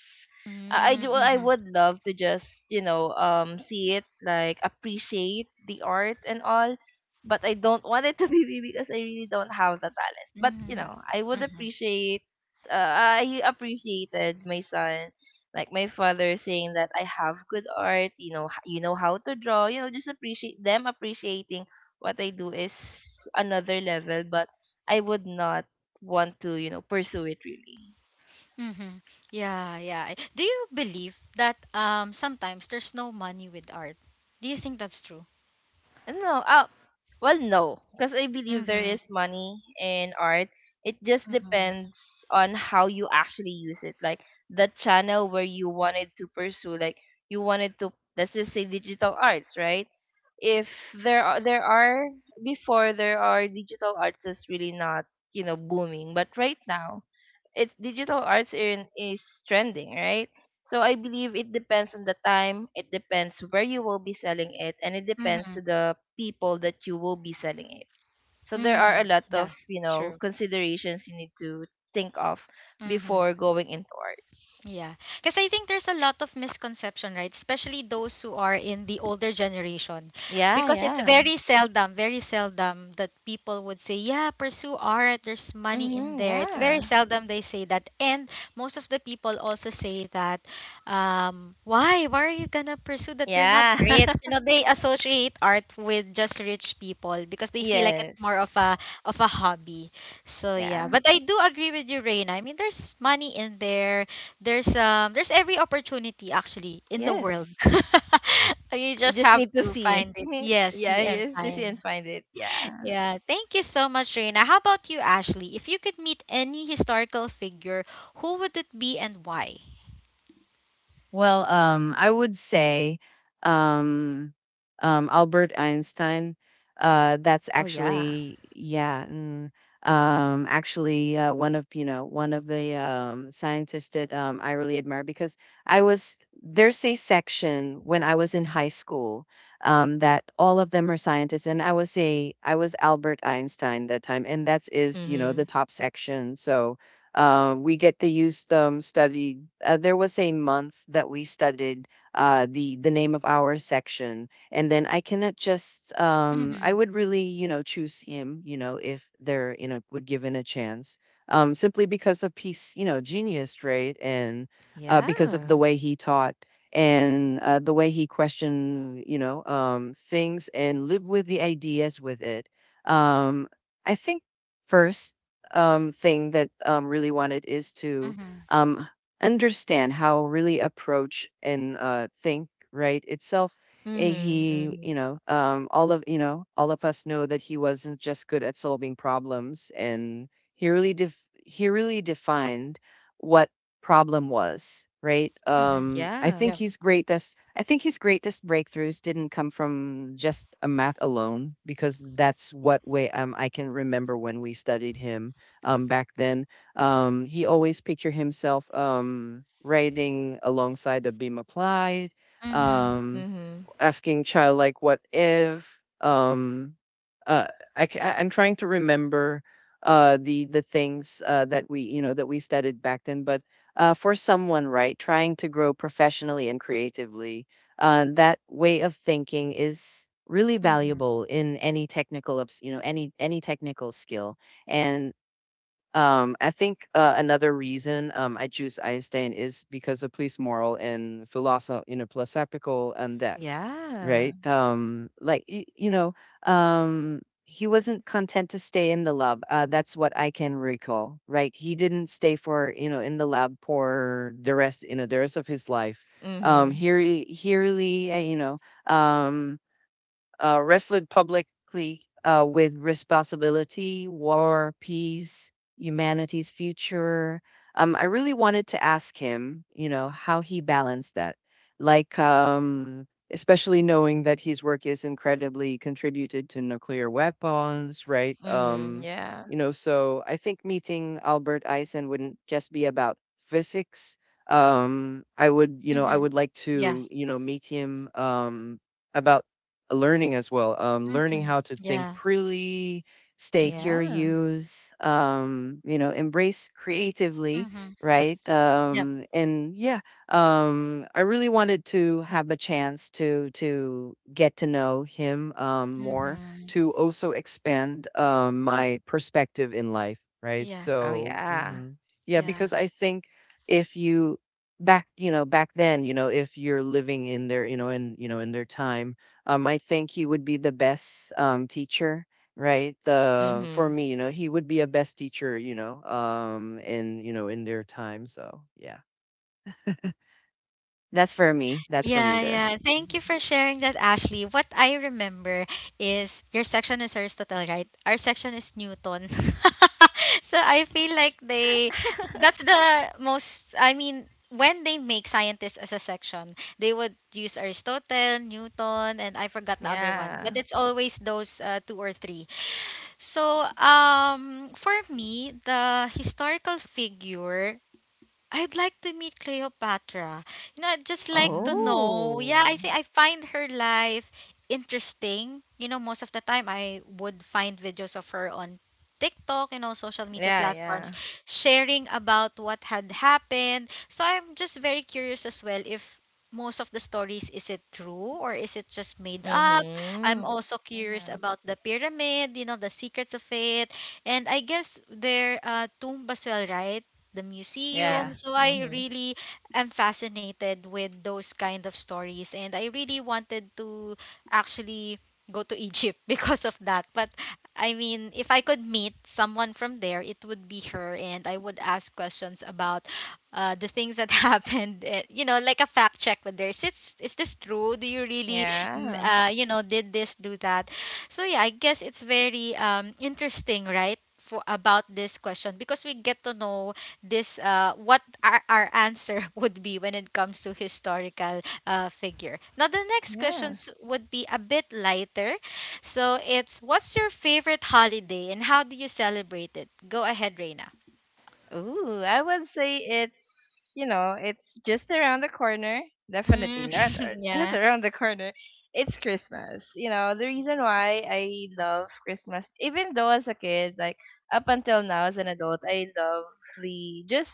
I do I
Mm-hmm.
would love to just, you know, um, see it, like appreciate the art and all, but I don't want it to be me because I really don't have the talent. But, you
Mm-hmm.
know, I would
Mm-hmm.
appreciate I appreciated my son like my father saying that I have good art, you know, you know how to draw, you know, just appreciate them appreciating what I do is another level, but I would not want to, you know, pursue it really.
Mm-hmm. Yeah, yeah. Do you believe that sometimes there's no money with art? Do you think that's true?
No, well, no, because I believe there
Mm-hmm.
is money in art. It just
Mm-hmm.
depends on how you actually use it. Like the channel where you wanted to pursue, like you wanted to, let's just say, digital arts, right? If there are before there are digital arts that's really not you know booming, but right now it's digital arts in, is trending, right? So I believe it depends on the time, it depends where you will be selling it, and it depends
Mm-hmm.
to the people that you will be selling it. So there are a
Mm.
lot
Yeah,
of you know
true.
considerations you need to think of
Mm-hmm.
before going into arts.
Yeah. Because I think there's a lot of misconception, right? Especially those who are in the older generation.
Yeah,
Because it's
yeah,
very seldom that people would say, yeah, pursue art. There's money in
mm-hmm,
there. It's very
yeah,
seldom they say that. And most of the people also say that, why? Why are you going to pursue that? You're not
yeah,
rich.
<laughs>
You know, they associate art with just rich people because they feel like it's
yes,
more of of a hobby. So yeah,
yeah,
but I do agree with you, Reina. I mean, there's money in there. There's every opportunity actually in the world.
yes.
<laughs> You
You
just
just
have
need to
to
see.
find it.
<laughs>
Yes,
Yeah,
see and
yes, to see and
find.
find it. Yeah.
Yeah, thank you so much, Reina. How about you, Ashley? If you could meet any historical figure, who would it be and why?
Well, I would say, um, Albert Einstein. That's
Oh yeah.
actually, yeah, actually one of, one of the scientists that I really admire, because I was there's a section when I was in high school, that all of them are scientists, and I was Albert Einstein that time, and that is, you know, the
Mm-hmm.
top section. So we get to use them studied. There was a month that we studied the name of our section, and then I cannot just. I
Mhm.
would really, you know, choose him. You know, if they're, you know, would given a chance, simply because of his, you know, genius, right, and because of the
Yeah.
way he taught, and the way he questioned, you know, things and lived with the ideas with it. Um, I think first thing that really wanted is to
Mhm.
um, understand how really approach and think right itself.
Mhm,
He,
mhm.
you know, all of, all of us know that he wasn't just good at solving problems, and he he really defined what problem was, right.
Mhm.
Yeah.
Yep.
I think his greatest breakthroughs didn't come from just a math alone, because that's what way, I can remember when we studied him, back then. He always pictured himself, riding alongside the beam applied,
Mhm.
um,
Mhm.
asking child like, "What if?" Um, uh, I'm trying to remember the things that, we you know that we studied back then, but for someone right trying to grow professionally and creatively, that way of thinking is really
Mhm.
valuable in any technical ups- you know any technical skill. And I think another reason I choose Einstein is because of his moral and philosophical and depth,
Yeah.
right? Like, you know, he wasn't content to stay in the lab. That's what I can recall, right? He didn't stay for, you know, in the lab for the rest of his life.
Mhm.
Here, he really, um, wrestled publicly with responsibility, war, peace, humanity's future. I really wanted to ask him, you know, how he balanced that. Especially knowing that his work is incredibly contributed to nuclear weapons, right?
Mhm. Yeah.
So I think meeting Albert Eisen wouldn't just be about physics. I would, I
Mhm.
would like
Yeah.
to, meet him about learning as well. Learning
Mhm.
how to think
Yeah.
freely, stay
Mhm.
Yeah.
curious, embrace creatively,
Mhm.
right?
Yep.
And yeah, I really wanted to have a chance to get to know him more,
Mhm.
to also expand my perspective in life, right?
Yeah.
Oh
So
yeah.
mhm. Yeah,
Yeah.
because I think if you back you know back then you know if you're living in their you know in their time, I think he would be the best teacher, right? The for
Mhm.
me, you know, he would be a best teacher, you know, in their time. So yeah, that's for me. That's for me.
Yeah,
This.
yeah. Thank you for sharing that, Ashley. What I remember is your section is Aristotle, right? Our section is Newton. <laughs> so I feel like they, that's the most, I mean, when they make scientists as a section, they would use Aristotle, Newton, and I forgot the other one. But
Yeah.
it's always those two or three. So for me, the historical figure I'd like to meet Cleopatra. You know, I'd just like to
Mm,
know. Yeah,
Oh.
I think I find her life interesting. You know, most of the time I would find videos of her on TikTok, you know, social media
Yeah,
platforms
yeah.
sharing about what had happened. So I'm just very curious as well if most of the stories is it true or is it just made up? I'm
Mhm.
also
and
curious about the pyramid, you know, the secrets of it. And I guess their tomb as well, right? The
Yeah.
museum.
yeah,
So I
Mhm.
really am fascinated with those kind of stories and I really wanted to actually go to Egypt <laughs> because of that. But I mean, if I could meet someone from there, it would be her and I would ask questions about the things that <laughs> happened, you know, like a fact check with this. This is this true? Do you really,
Yeah.
you know, did this, do that? So yeah, I guess it's very interesting, right? For, about this question because we get to know this what our answer <laughs> would be when it comes to historical figure. Now the next
Yeah.
questions would be a bit lighter. So it's what's your favorite holiday and how do you celebrate it? Go ahead, Reina.
Ooh, I would say it's, you know, it's just around the corner. Definitely
Mm,
not
<laughs>
<laughs> just
yeah.
around the corner. It's Christmas. You know, the reason why I love Christmas, even though as a kid, like up until now as an adult, I love the just,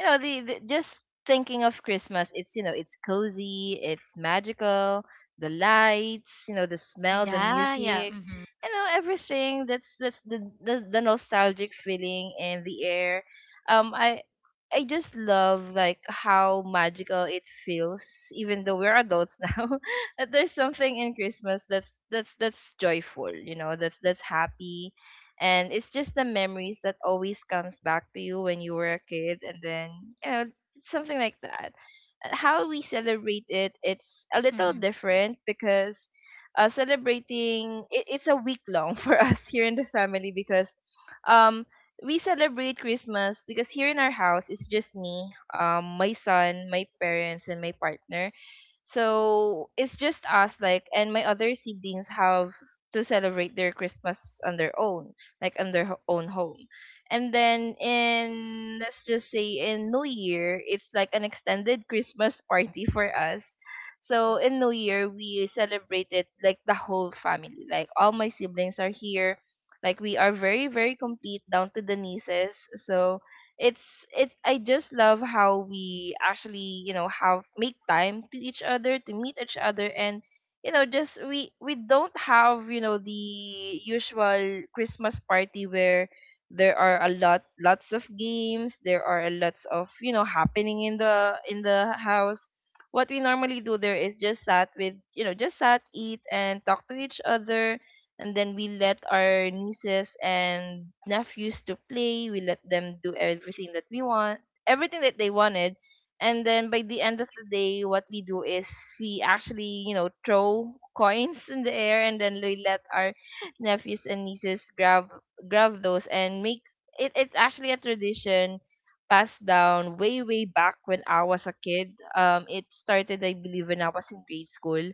you know, the just thinking of Christmas. It's, you know, it's cozy, it's magical, the lights, you know, the smell, the
Yeah, yeah.
music,
Mm-hmm.
you know, everything that's the nostalgic feeling in the air. Um i i just love like how magical it feels even though we're adults <laughs> now, that there's something in Christmas that's that's joyful, you know, that's happy. And it's just the memories that always comes back to you when you were a kid. And then, you know, something like that. How we celebrate it, it's a little
Mm-hmm.
different because celebrating it, it's a week long <laughs> for us here in the family. Because um we celebrate Christmas because here in our house it's just me, my son, my parents, and my partner. So it's just us. Like, and my other siblings have to celebrate their Christmas on their own, like on their own home. And then in, let's just say in New Year, it's like an extended Christmas party for us. So
y-
in New Year, we celebrated like the whole family. Like all my siblings are here. Like we are very very complete down to the nieces. So it's I just love how we actually you know have make time to each other to meet each other. And, you know, just we don't have, you know, the usual Christmas party where there are a lot lots of games, there are a lots of, you know, happening in the house. What we normally do there is just sat with, you know, just sat, eat and talk to each other. And then we let our nieces and nephews to play, we let them do everything that we want, everything that they wanted. And then by the end of the day what we do is we actually, you know, throw coins in the air and then we let our <laughs> nephews and nieces grab those and make it it's actually a tradition passed down way way back when I was a kid. Um, it started, I believe, when I was in grade school.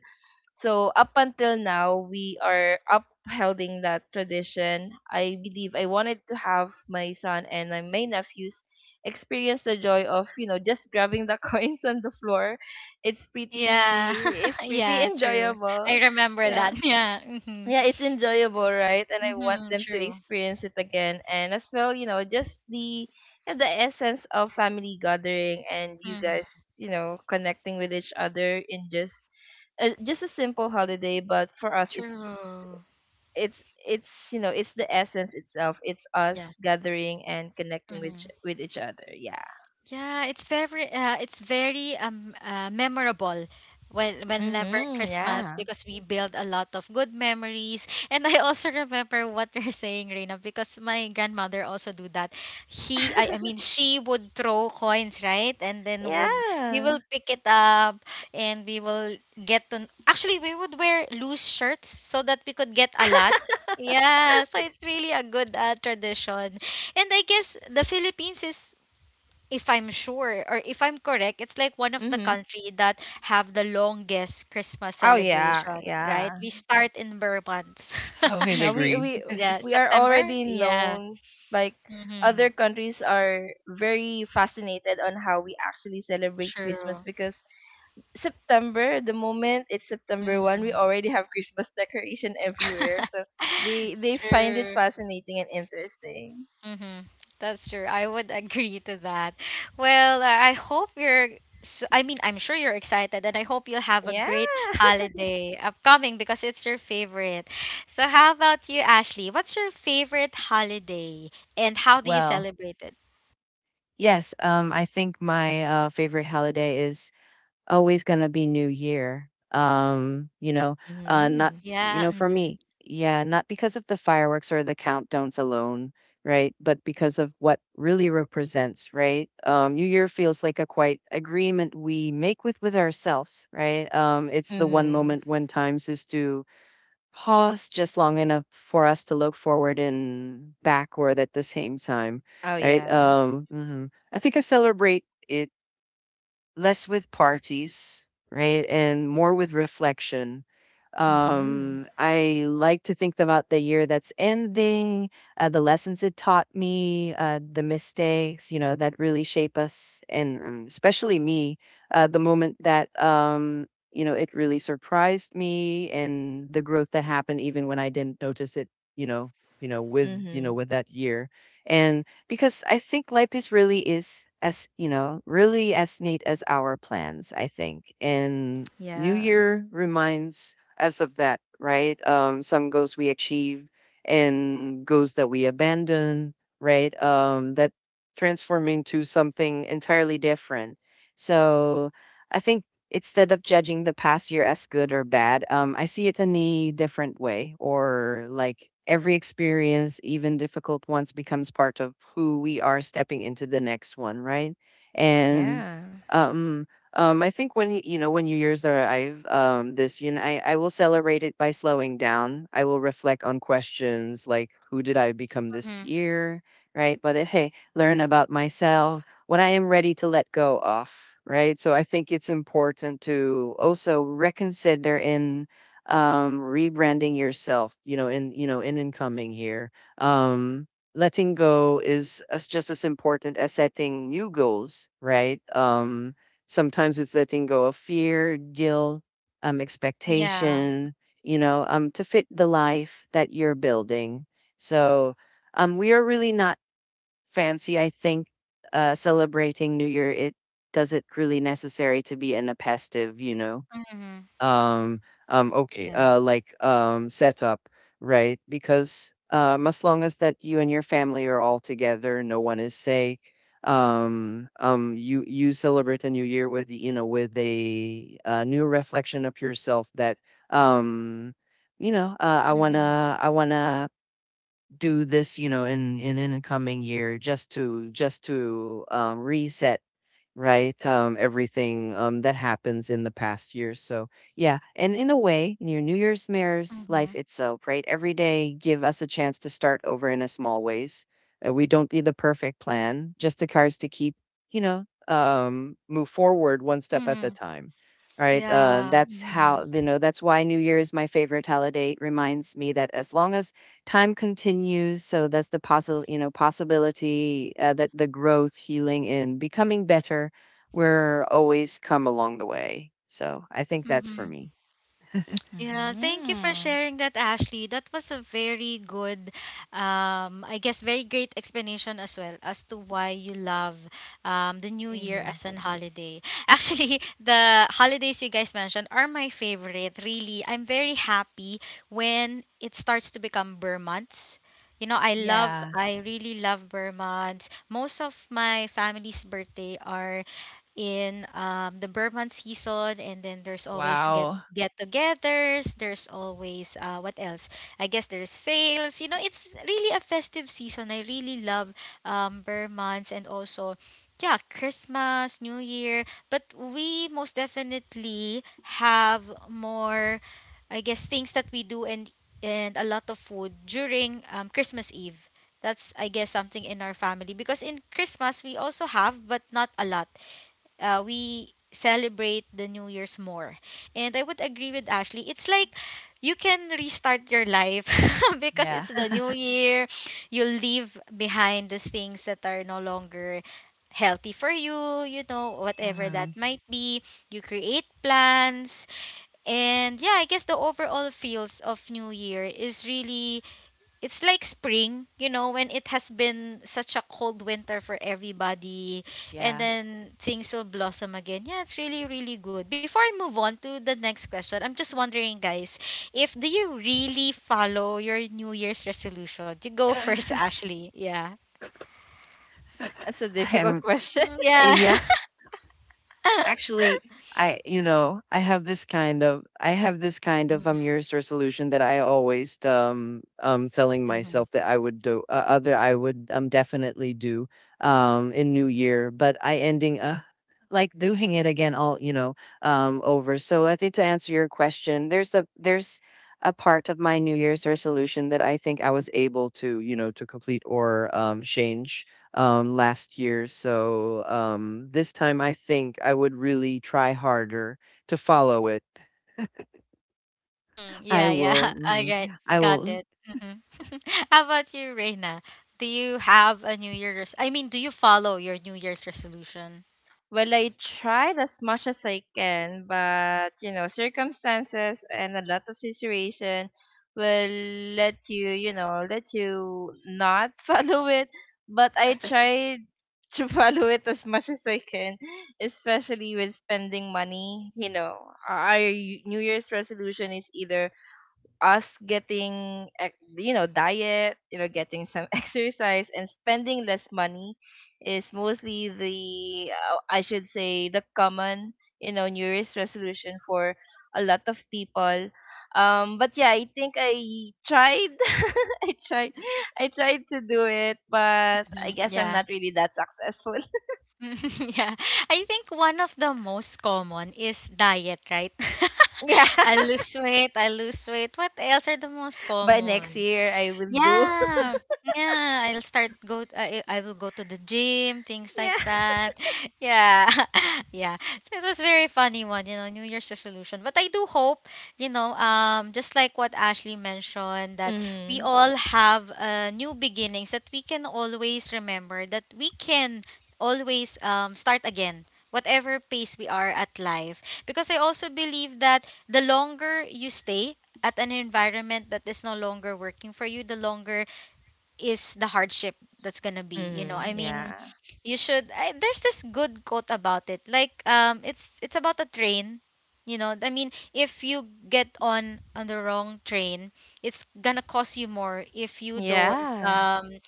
So up until now we are upholding that tradition. I believe I wanted to have my son and my nephews experience the joy of, you know, just grabbing the <laughs> coins on the floor.
Yeah. <laughs>
It's pretty <laughs>
yeah, true. I
enjoyable.
remember
Yeah,
that. <laughs> Yeah. Mm-hmm.
yeah, it's enjoyable, right? And I want
Mm-hmm.
them to
True.
experience it again. And as well, you know, just the essence of family gathering and you
Mm-hmm.
guys, you know, connecting with each other in just a simple holiday. But for us, it's
True.
it's it's, you know, it's the essence itself. It's
Yeah.
us gathering and connecting
Mm-hmm.
with each other. Yeah.
Yeah, it's very memorable when whenever
Mhm.
Christmas
Yeah.
because we build a lot of good memories. And I also remember what you're saying, Reina, because my grandmother also do that. I
<laughs>
mean she would throw coins, right? And then would we
Yeah.
will pick it up and we will get to actually we would wear loose shirts so that we could get a lot. Yeah, so it's really a good tradition. And I guess the Philippines is if I'm sure or if I'm correct, it's like one of the
Mhm.
country that have the longest Christmas
Oh yeah.
celebration, right?
Yeah.
We start in bare
<laughs> I
<laughs>
would
Yeah, we
agree.
we
yeah,
we are
September.
already
Yeah.
known like other
Mm-hmm.
countries are very fascinated on how we actually celebrate Christmas
True.
because September, the moment it's September 1st, we
Mm-hmm.
already have Christmas decoration everywhere.
<laughs>
So they find it
True.
fascinating and interesting.
Mm-hmm. That's true. I would <laughs> agree to that. Well, I hope you're. S I mean, I'm sure you're excited, and I hope you'll have a
Yeah.
great
<laughs>
holiday upcoming because it's your favorite. So, how about you, Ashley? What's your favorite holiday, and how do you
Well,
celebrate it?
yes. I think my favorite holiday is always gonna be New Year. Not
Mm-hmm.
you
Yeah.
know, for
Mm-hmm.
me, yeah, not because of the fireworks or the countdowns alone, right? But because of what really represents, right? New Year feels like a quiet agreement we make with ourselves, right? It's the one
Mm-hmm.
moment when times is to pause just long enough for us to look forward and backward at the same time,
Oh
right?
yeah.
Mhm. I think I celebrate it less with parties, right? And more with reflection.
Mm-hmm.
I like to think about the year that's ending, the lessons it taught me, the mistakes, you know, that really shape us, and especially me, the moment that, you know, it really surprised me and the growth that happened even when I didn't notice it, you know,
Mhm.
with that year. And because I think life is really is as you know really as neat as our plans. I think, and
Yeah.
New
Yeah.
Year reminds us of that, right? Some goals we achieve and goals that we abandon, right? That transform into something entirely different. So I think instead of judging the past year as good or bad, I see it in a different way, or like every experience, even difficult ones, becomes part of who we are stepping into the next one, right? And
Yeah.
um, I think when you know when New Year's arrive, this you know I will celebrate it by slowing down. I will reflect on questions like who did I become this
Mm-hmm.
year, right? But eh, hey, learn about myself when I am ready to let go of, right? So I think it's important to also reconsider in rebranding yourself, in you know, in incoming here. Um, Letting go is as just as important as setting new goals, right? Sometimes it's letting go of fear, guilt,
Yeah.
expectation, to fit the life that you're building. So we are really not fancy. I think celebrating New Year, it does it really necessary to be in a festive, you know?
Mm-hmm.
Um, okay,
Yeah.
setup, right? Because as long as that you and your family are all together, no one is sick. You celebrate a new year with the, you know with a, new reflection of yourself that um, you know, I
Mm-hmm.
wanna I wanna do this, you know, in a coming year, just to reset, right? Everything that happens in the past year. So yeah, and in a way, in your New Year's Mirrors
Mm-hmm.
life itself, right? Every day give us a chance to start over in a small ways. We don't need the perfect plan, just the cards to keep, move forward one step at a
Mm-hmm.
time. Right.
Yeah.
That's how, you know, that's why New Year is my favorite holiday. It reminds me that as long as time continues, so that's the possi you know, possibility, that the growth, healing, and becoming better will always come along the way. So I think that's for
Mm-hmm.
me.
Yeah, thank you for
Mm-hmm.
sharing that, Ashley. That was a very good, I guess, very great explanation as well as to why you love the New
In
Year
you.
as an holiday. <laughs> Actually, the holidays you guys mentioned are my favorite, really. I'm very happy when it starts to become Burr months. You know,
Yeah.
I really love Burr months. Most of my family's birthday are in the Burman season, and then there's always
Wow.
get-togethers. There's always what else? I guess there's sales. You know, it's really a festive season. I really love bear months and also yeah, Christmas, New Year. But we most definitely have more, I guess, things that we do and a lot of food during Christmas Eve. That's I guess something in our family because in Christmas we also have but not a lot we celebrate the New Year's more. And I would agree with Ashley. It's like you can restart your life <laughs> because
Yeah.
it's the
<laughs>
new year. You leave behind the things that are no longer healthy for you, you know, whatever that
Mhm.
might be. You create plans. And yeah, I guess the overall feels of New Year is really it's like spring, you know, when it has been such a cold winter for everybody, and
Yeah.
then things will blossom again. Yeah, it's really, really good. Before I move on to the next question, I'm just wondering, guys, if do you really follow your New Year's resolution? You go first, <laughs>
<laughs> <laughs>
Ashley. Yeah.
That's a
I
difficult <laughs>
am
question.
Mm, yeah.
yeah.
<laughs>
Actually, I you know, I have this kind of I have this kind of
Mhm.
year's resolution that I always telling myself that I would do other I would definitely do in new year, but I ending like doing it again all you know over. So I think to answer your question, there's a part of my new year's resolution that I think I was able to, you know, to complete or change last year. So this time I think I would really try harder to follow it.
Mm-hmm. Yeah,
I
yeah.
will,
<laughs> All
mhm,
right.
I
Got
will,
it. Hmm. <laughs> How about you, Reina? Do you have a New Year's? Do you follow your New Year's resolution?
Well, I tried as much as I can, but you know, circumstances and a lot of situation will let you, you know, let you not <laughs> follow it. But I tried to <laughs> follow it as much as I can, especially with spending money. You know, our New Year's resolution is either us getting you know diet you know getting some <laughs> exercise and spending less money is mostly the I should say the common, you know, New Year's resolution for a lot of people. Um, but yeah, I think I tried. <laughs> i tried I tried to do it, but
Hmm.
I guess I'm
Yeah.
not really that successful.
<laughs> Yeah. I think one of the most common is diet, right?
<laughs> Yeah,
<laughs> I lose weight, I lose weight. What else are the most
by next
common?
year I will do.
Yeah. Yeah, I will go to the gym, things
<laughs> Yeah.
like that. <laughs> Yeah. <laughs> Yeah. So it was very funny one, New Year's resolution. But I do hope, just like what Ashley mentioned that we
Mm-hmm.
all have new beginnings, that we can always remember that we can always start again, whatever pace we are at life. Because I also believe that the longer you stay at an environment that is no longer working for you, the longer is the hardship that's gonna be. You know,
Mm-hmm.
I mean,
Yeah,
you should. There's this good quote about it. Like, it's about a train. You know, I mean, if you get on the wrong train, it's gonna cost you more if you don't
yeah.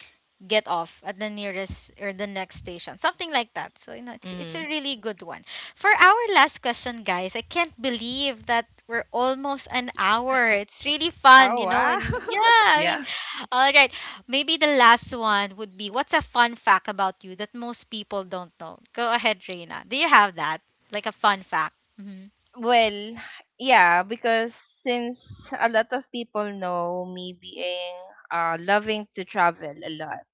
get off at the nearest or the next station, something like that. So you know, it's
Mm-hmm.
a really good one. For our last question, guys, I can't believe that we're almost an hour. It's really fun, you
Oh,
know,
wow.
and
<laughs>
yeah, I mean,
yeah.
all right, maybe the last one would be, what's a fun fact about you that most people don't know? Go ahead, Reina. Do you have that, like, a fun fact? Hmm.
Well, yeah, because since a lot of people know me being loving to travel a lot,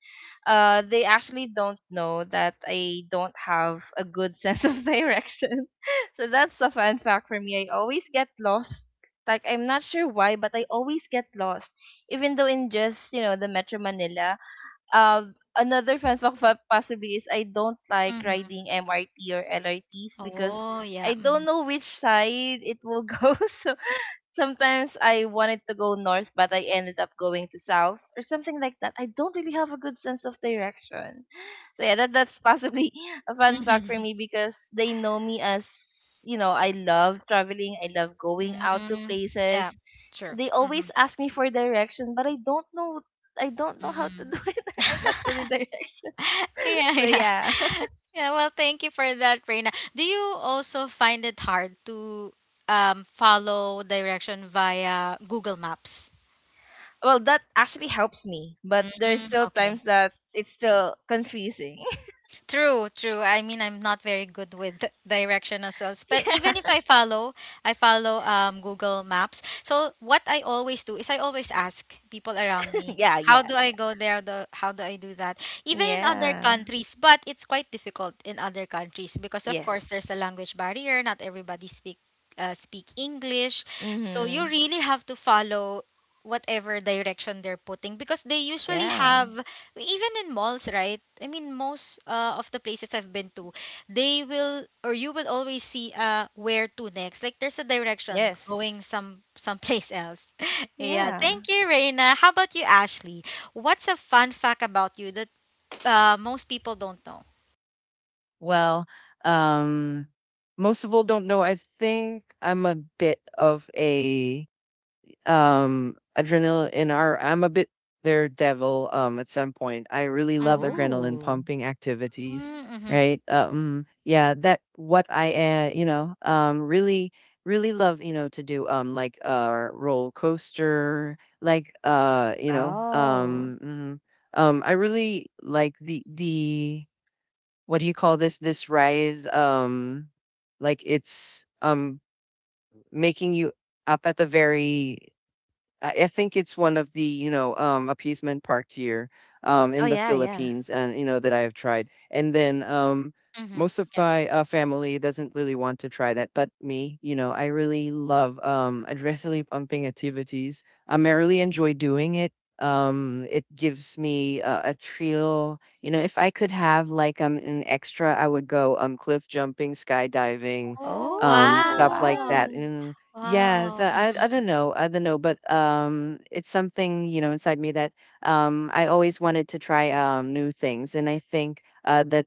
they actually don't know that I don't have a good <laughs> sense of direction. <laughs> So that's a fun fact for me. I always get lost. Like, I'm not sure why, but I always get lost. Even though in just, you know, the Metro Manila. Another fun fact possibly is I don't like
Hmm.
riding MRT or LRTs because
Oh yeah.
I don't
Mhm.
know which side it will <laughs> go. So sometimes I wanted to go north, but I ended up going to south or something like that. I don't really have a good sense of direction. So yeah, that that's possibly <laughs> a fun fact for me
<laughs>
because they know me as you know I love traveling. I love going out to
Mm.
places.
Yeah. Sure.
They
Hmm.
always ask me for direction, but I don't know, I don't know how
Hmm.
to do <laughs> it. I'm not
<laughs>
good in direction.
<laughs> Yeah,
So
yeah.
yeah. <laughs>
Yeah, well, thank you for that, Reina. Do you also find it hard to follow direction via Google Maps?
Well, that actually helps me, but there's
Mm,
still
okay.
times that it's still confusing.
True, true. I mean, I'm not very good with <laughs> direction as well.
<laughs>
But
Yeah.
even if I follow, I follow Google Maps. So what I always do is I always ask people around me,
<laughs> Yeah,
how
yeah,
do I
yeah.
go there? The How do I do that? Even in other
Yeah.
countries, but it's quite difficult in other countries because of
Yes.
course there's a language barrier. Not everybody speak speak English, so you
Mhm.
really have to follow whatever direction they're putting because they usually have,
Yeah.
even in malls, right? I mean, most of the places I've been to, they will, or you will always see where to next. Like, there's a direction going
Yes.
someplace else. <laughs> Yeah,
Yeah.
thank you, Reina. How about you, Ashley? What's a fun fact about you that most people don't know?
Well, um, most people don't know. I think I'm a bit of a adrenaline or I'm a bit their devil at some point. I really love
Mm-hmm.
adrenaline
Oh.
pumping activities,
Mm-hmm.
right? Yeah, that what I you know, really love, you know, to do like roller coaster, like
Oh.
I really like the what do you call this ride like it's making you up at the very I think it's one of the, you know, appeasement park here
Oh
in the
yeah, yeah.
Philippines, and you know that I have tried. And then
Mm-hmm.
most of
Yeah.
my family doesn't really want to try that, but me, you know, I really love adrenaline pumping activities. I really enjoy doing it. It gives me a thrill. You know, if I could have like an extra, I would go cliff jumping, skydiving,
Oh
Oh,
stuff like
wow.
that.
wow.
And yes,
Wow.
I
Mm-hmm.
don't know, I don't know, but it's something you know inside me that I always wanted to try new things, and I think that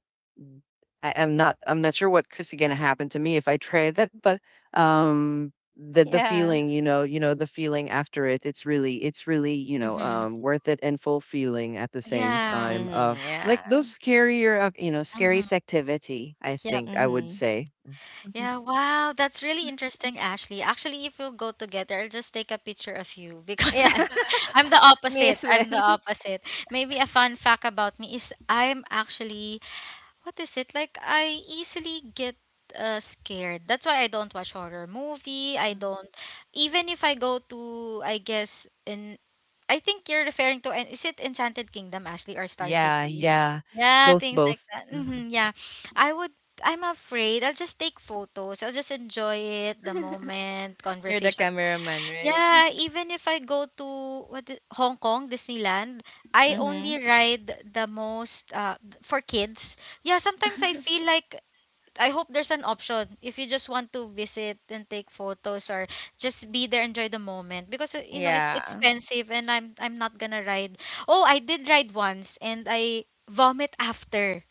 I'm not sure what is gonna happen to me if I try <laughs> that, but the
Yeah.
feeling you know the feeling after it it's really you know
Mm-hmm.
worth it and fulfilling at the same
Yeah.
time
Mhm.
like
Yeah.
those scarier of you know
Mm-hmm.
scariest activity I think I would
Mhm.
say. Mhm.
Yeah, wow, that's really interesting, Ashley. Actually, if we'll go together, I'll just take a picture of you because <laughs>
Yeah.
I'm the
<laughs> Me
opposite.
as well.
I'm the opposite. Maybe a fun fact about me is I'm actually, what is it, like, I easily get scared. That's why I don't watch horror movie. I don't even if I go to I guess in I think you're referring to, and is it Enchanted Kingdom, Ashley, or Star
Yeah.
City? Yeah,
Both.
things like that. Hmm. Yeah. I would, I'm afraid, I'll just take photos, I'll just enjoy it the
<laughs>
moment
You're the
conversation.
cameraman, right?
Yeah, even if I go to Hong Kong Disneyland, I
Mm-hmm.
only ride the most for kids. Yeah, sometimes I feel like, I hope there's an option if you just want to visit and take photos or just be there, enjoy the moment, because you know, it's
Yeah.
expensive and I'm not gonna ride. Oh, I did ride once, and I vomit after.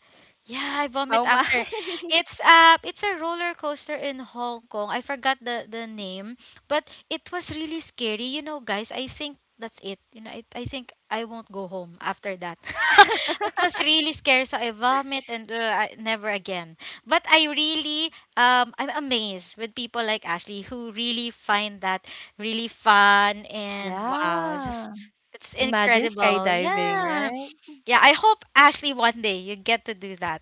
Yeah, I vomit
How my.
after. It's a roller coaster in Hong Kong. I forgot the name, but it was really scary. You know, guys, I think that's it. I think I won't go home after that. <laughs> It
<laughs>
was really scary, so I vomit, and never again. But I really I'm amazed with people like Ashley who really find that really fun, and wow,
Yeah.
just it's
Imagine
incredible.
skydiving,
Yeah.
right?
Yeah, I hope Ashley one day you get to do that.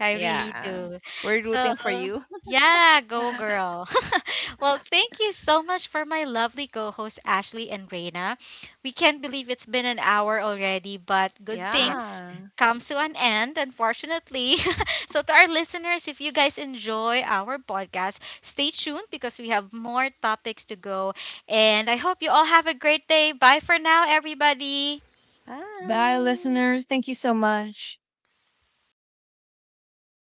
I really
Yeah.
do.
We're
So,
rooting for you. <laughs>
yeah, go
<laughs>
girl. <laughs> Well, thank you so much for my lovely co-hosts Ashley and Reina. We can't believe it's been an hour already, but good
Yeah.
things
Yeah.
comes to an end, unfortunately. <laughs> So to our listeners, if you guys enjoy our podcast, stay tuned, because we have more topics to go, and I hope you all have a great day. Bye for now, everybody.
Bye,
Bye.
listeners. Thank you so much.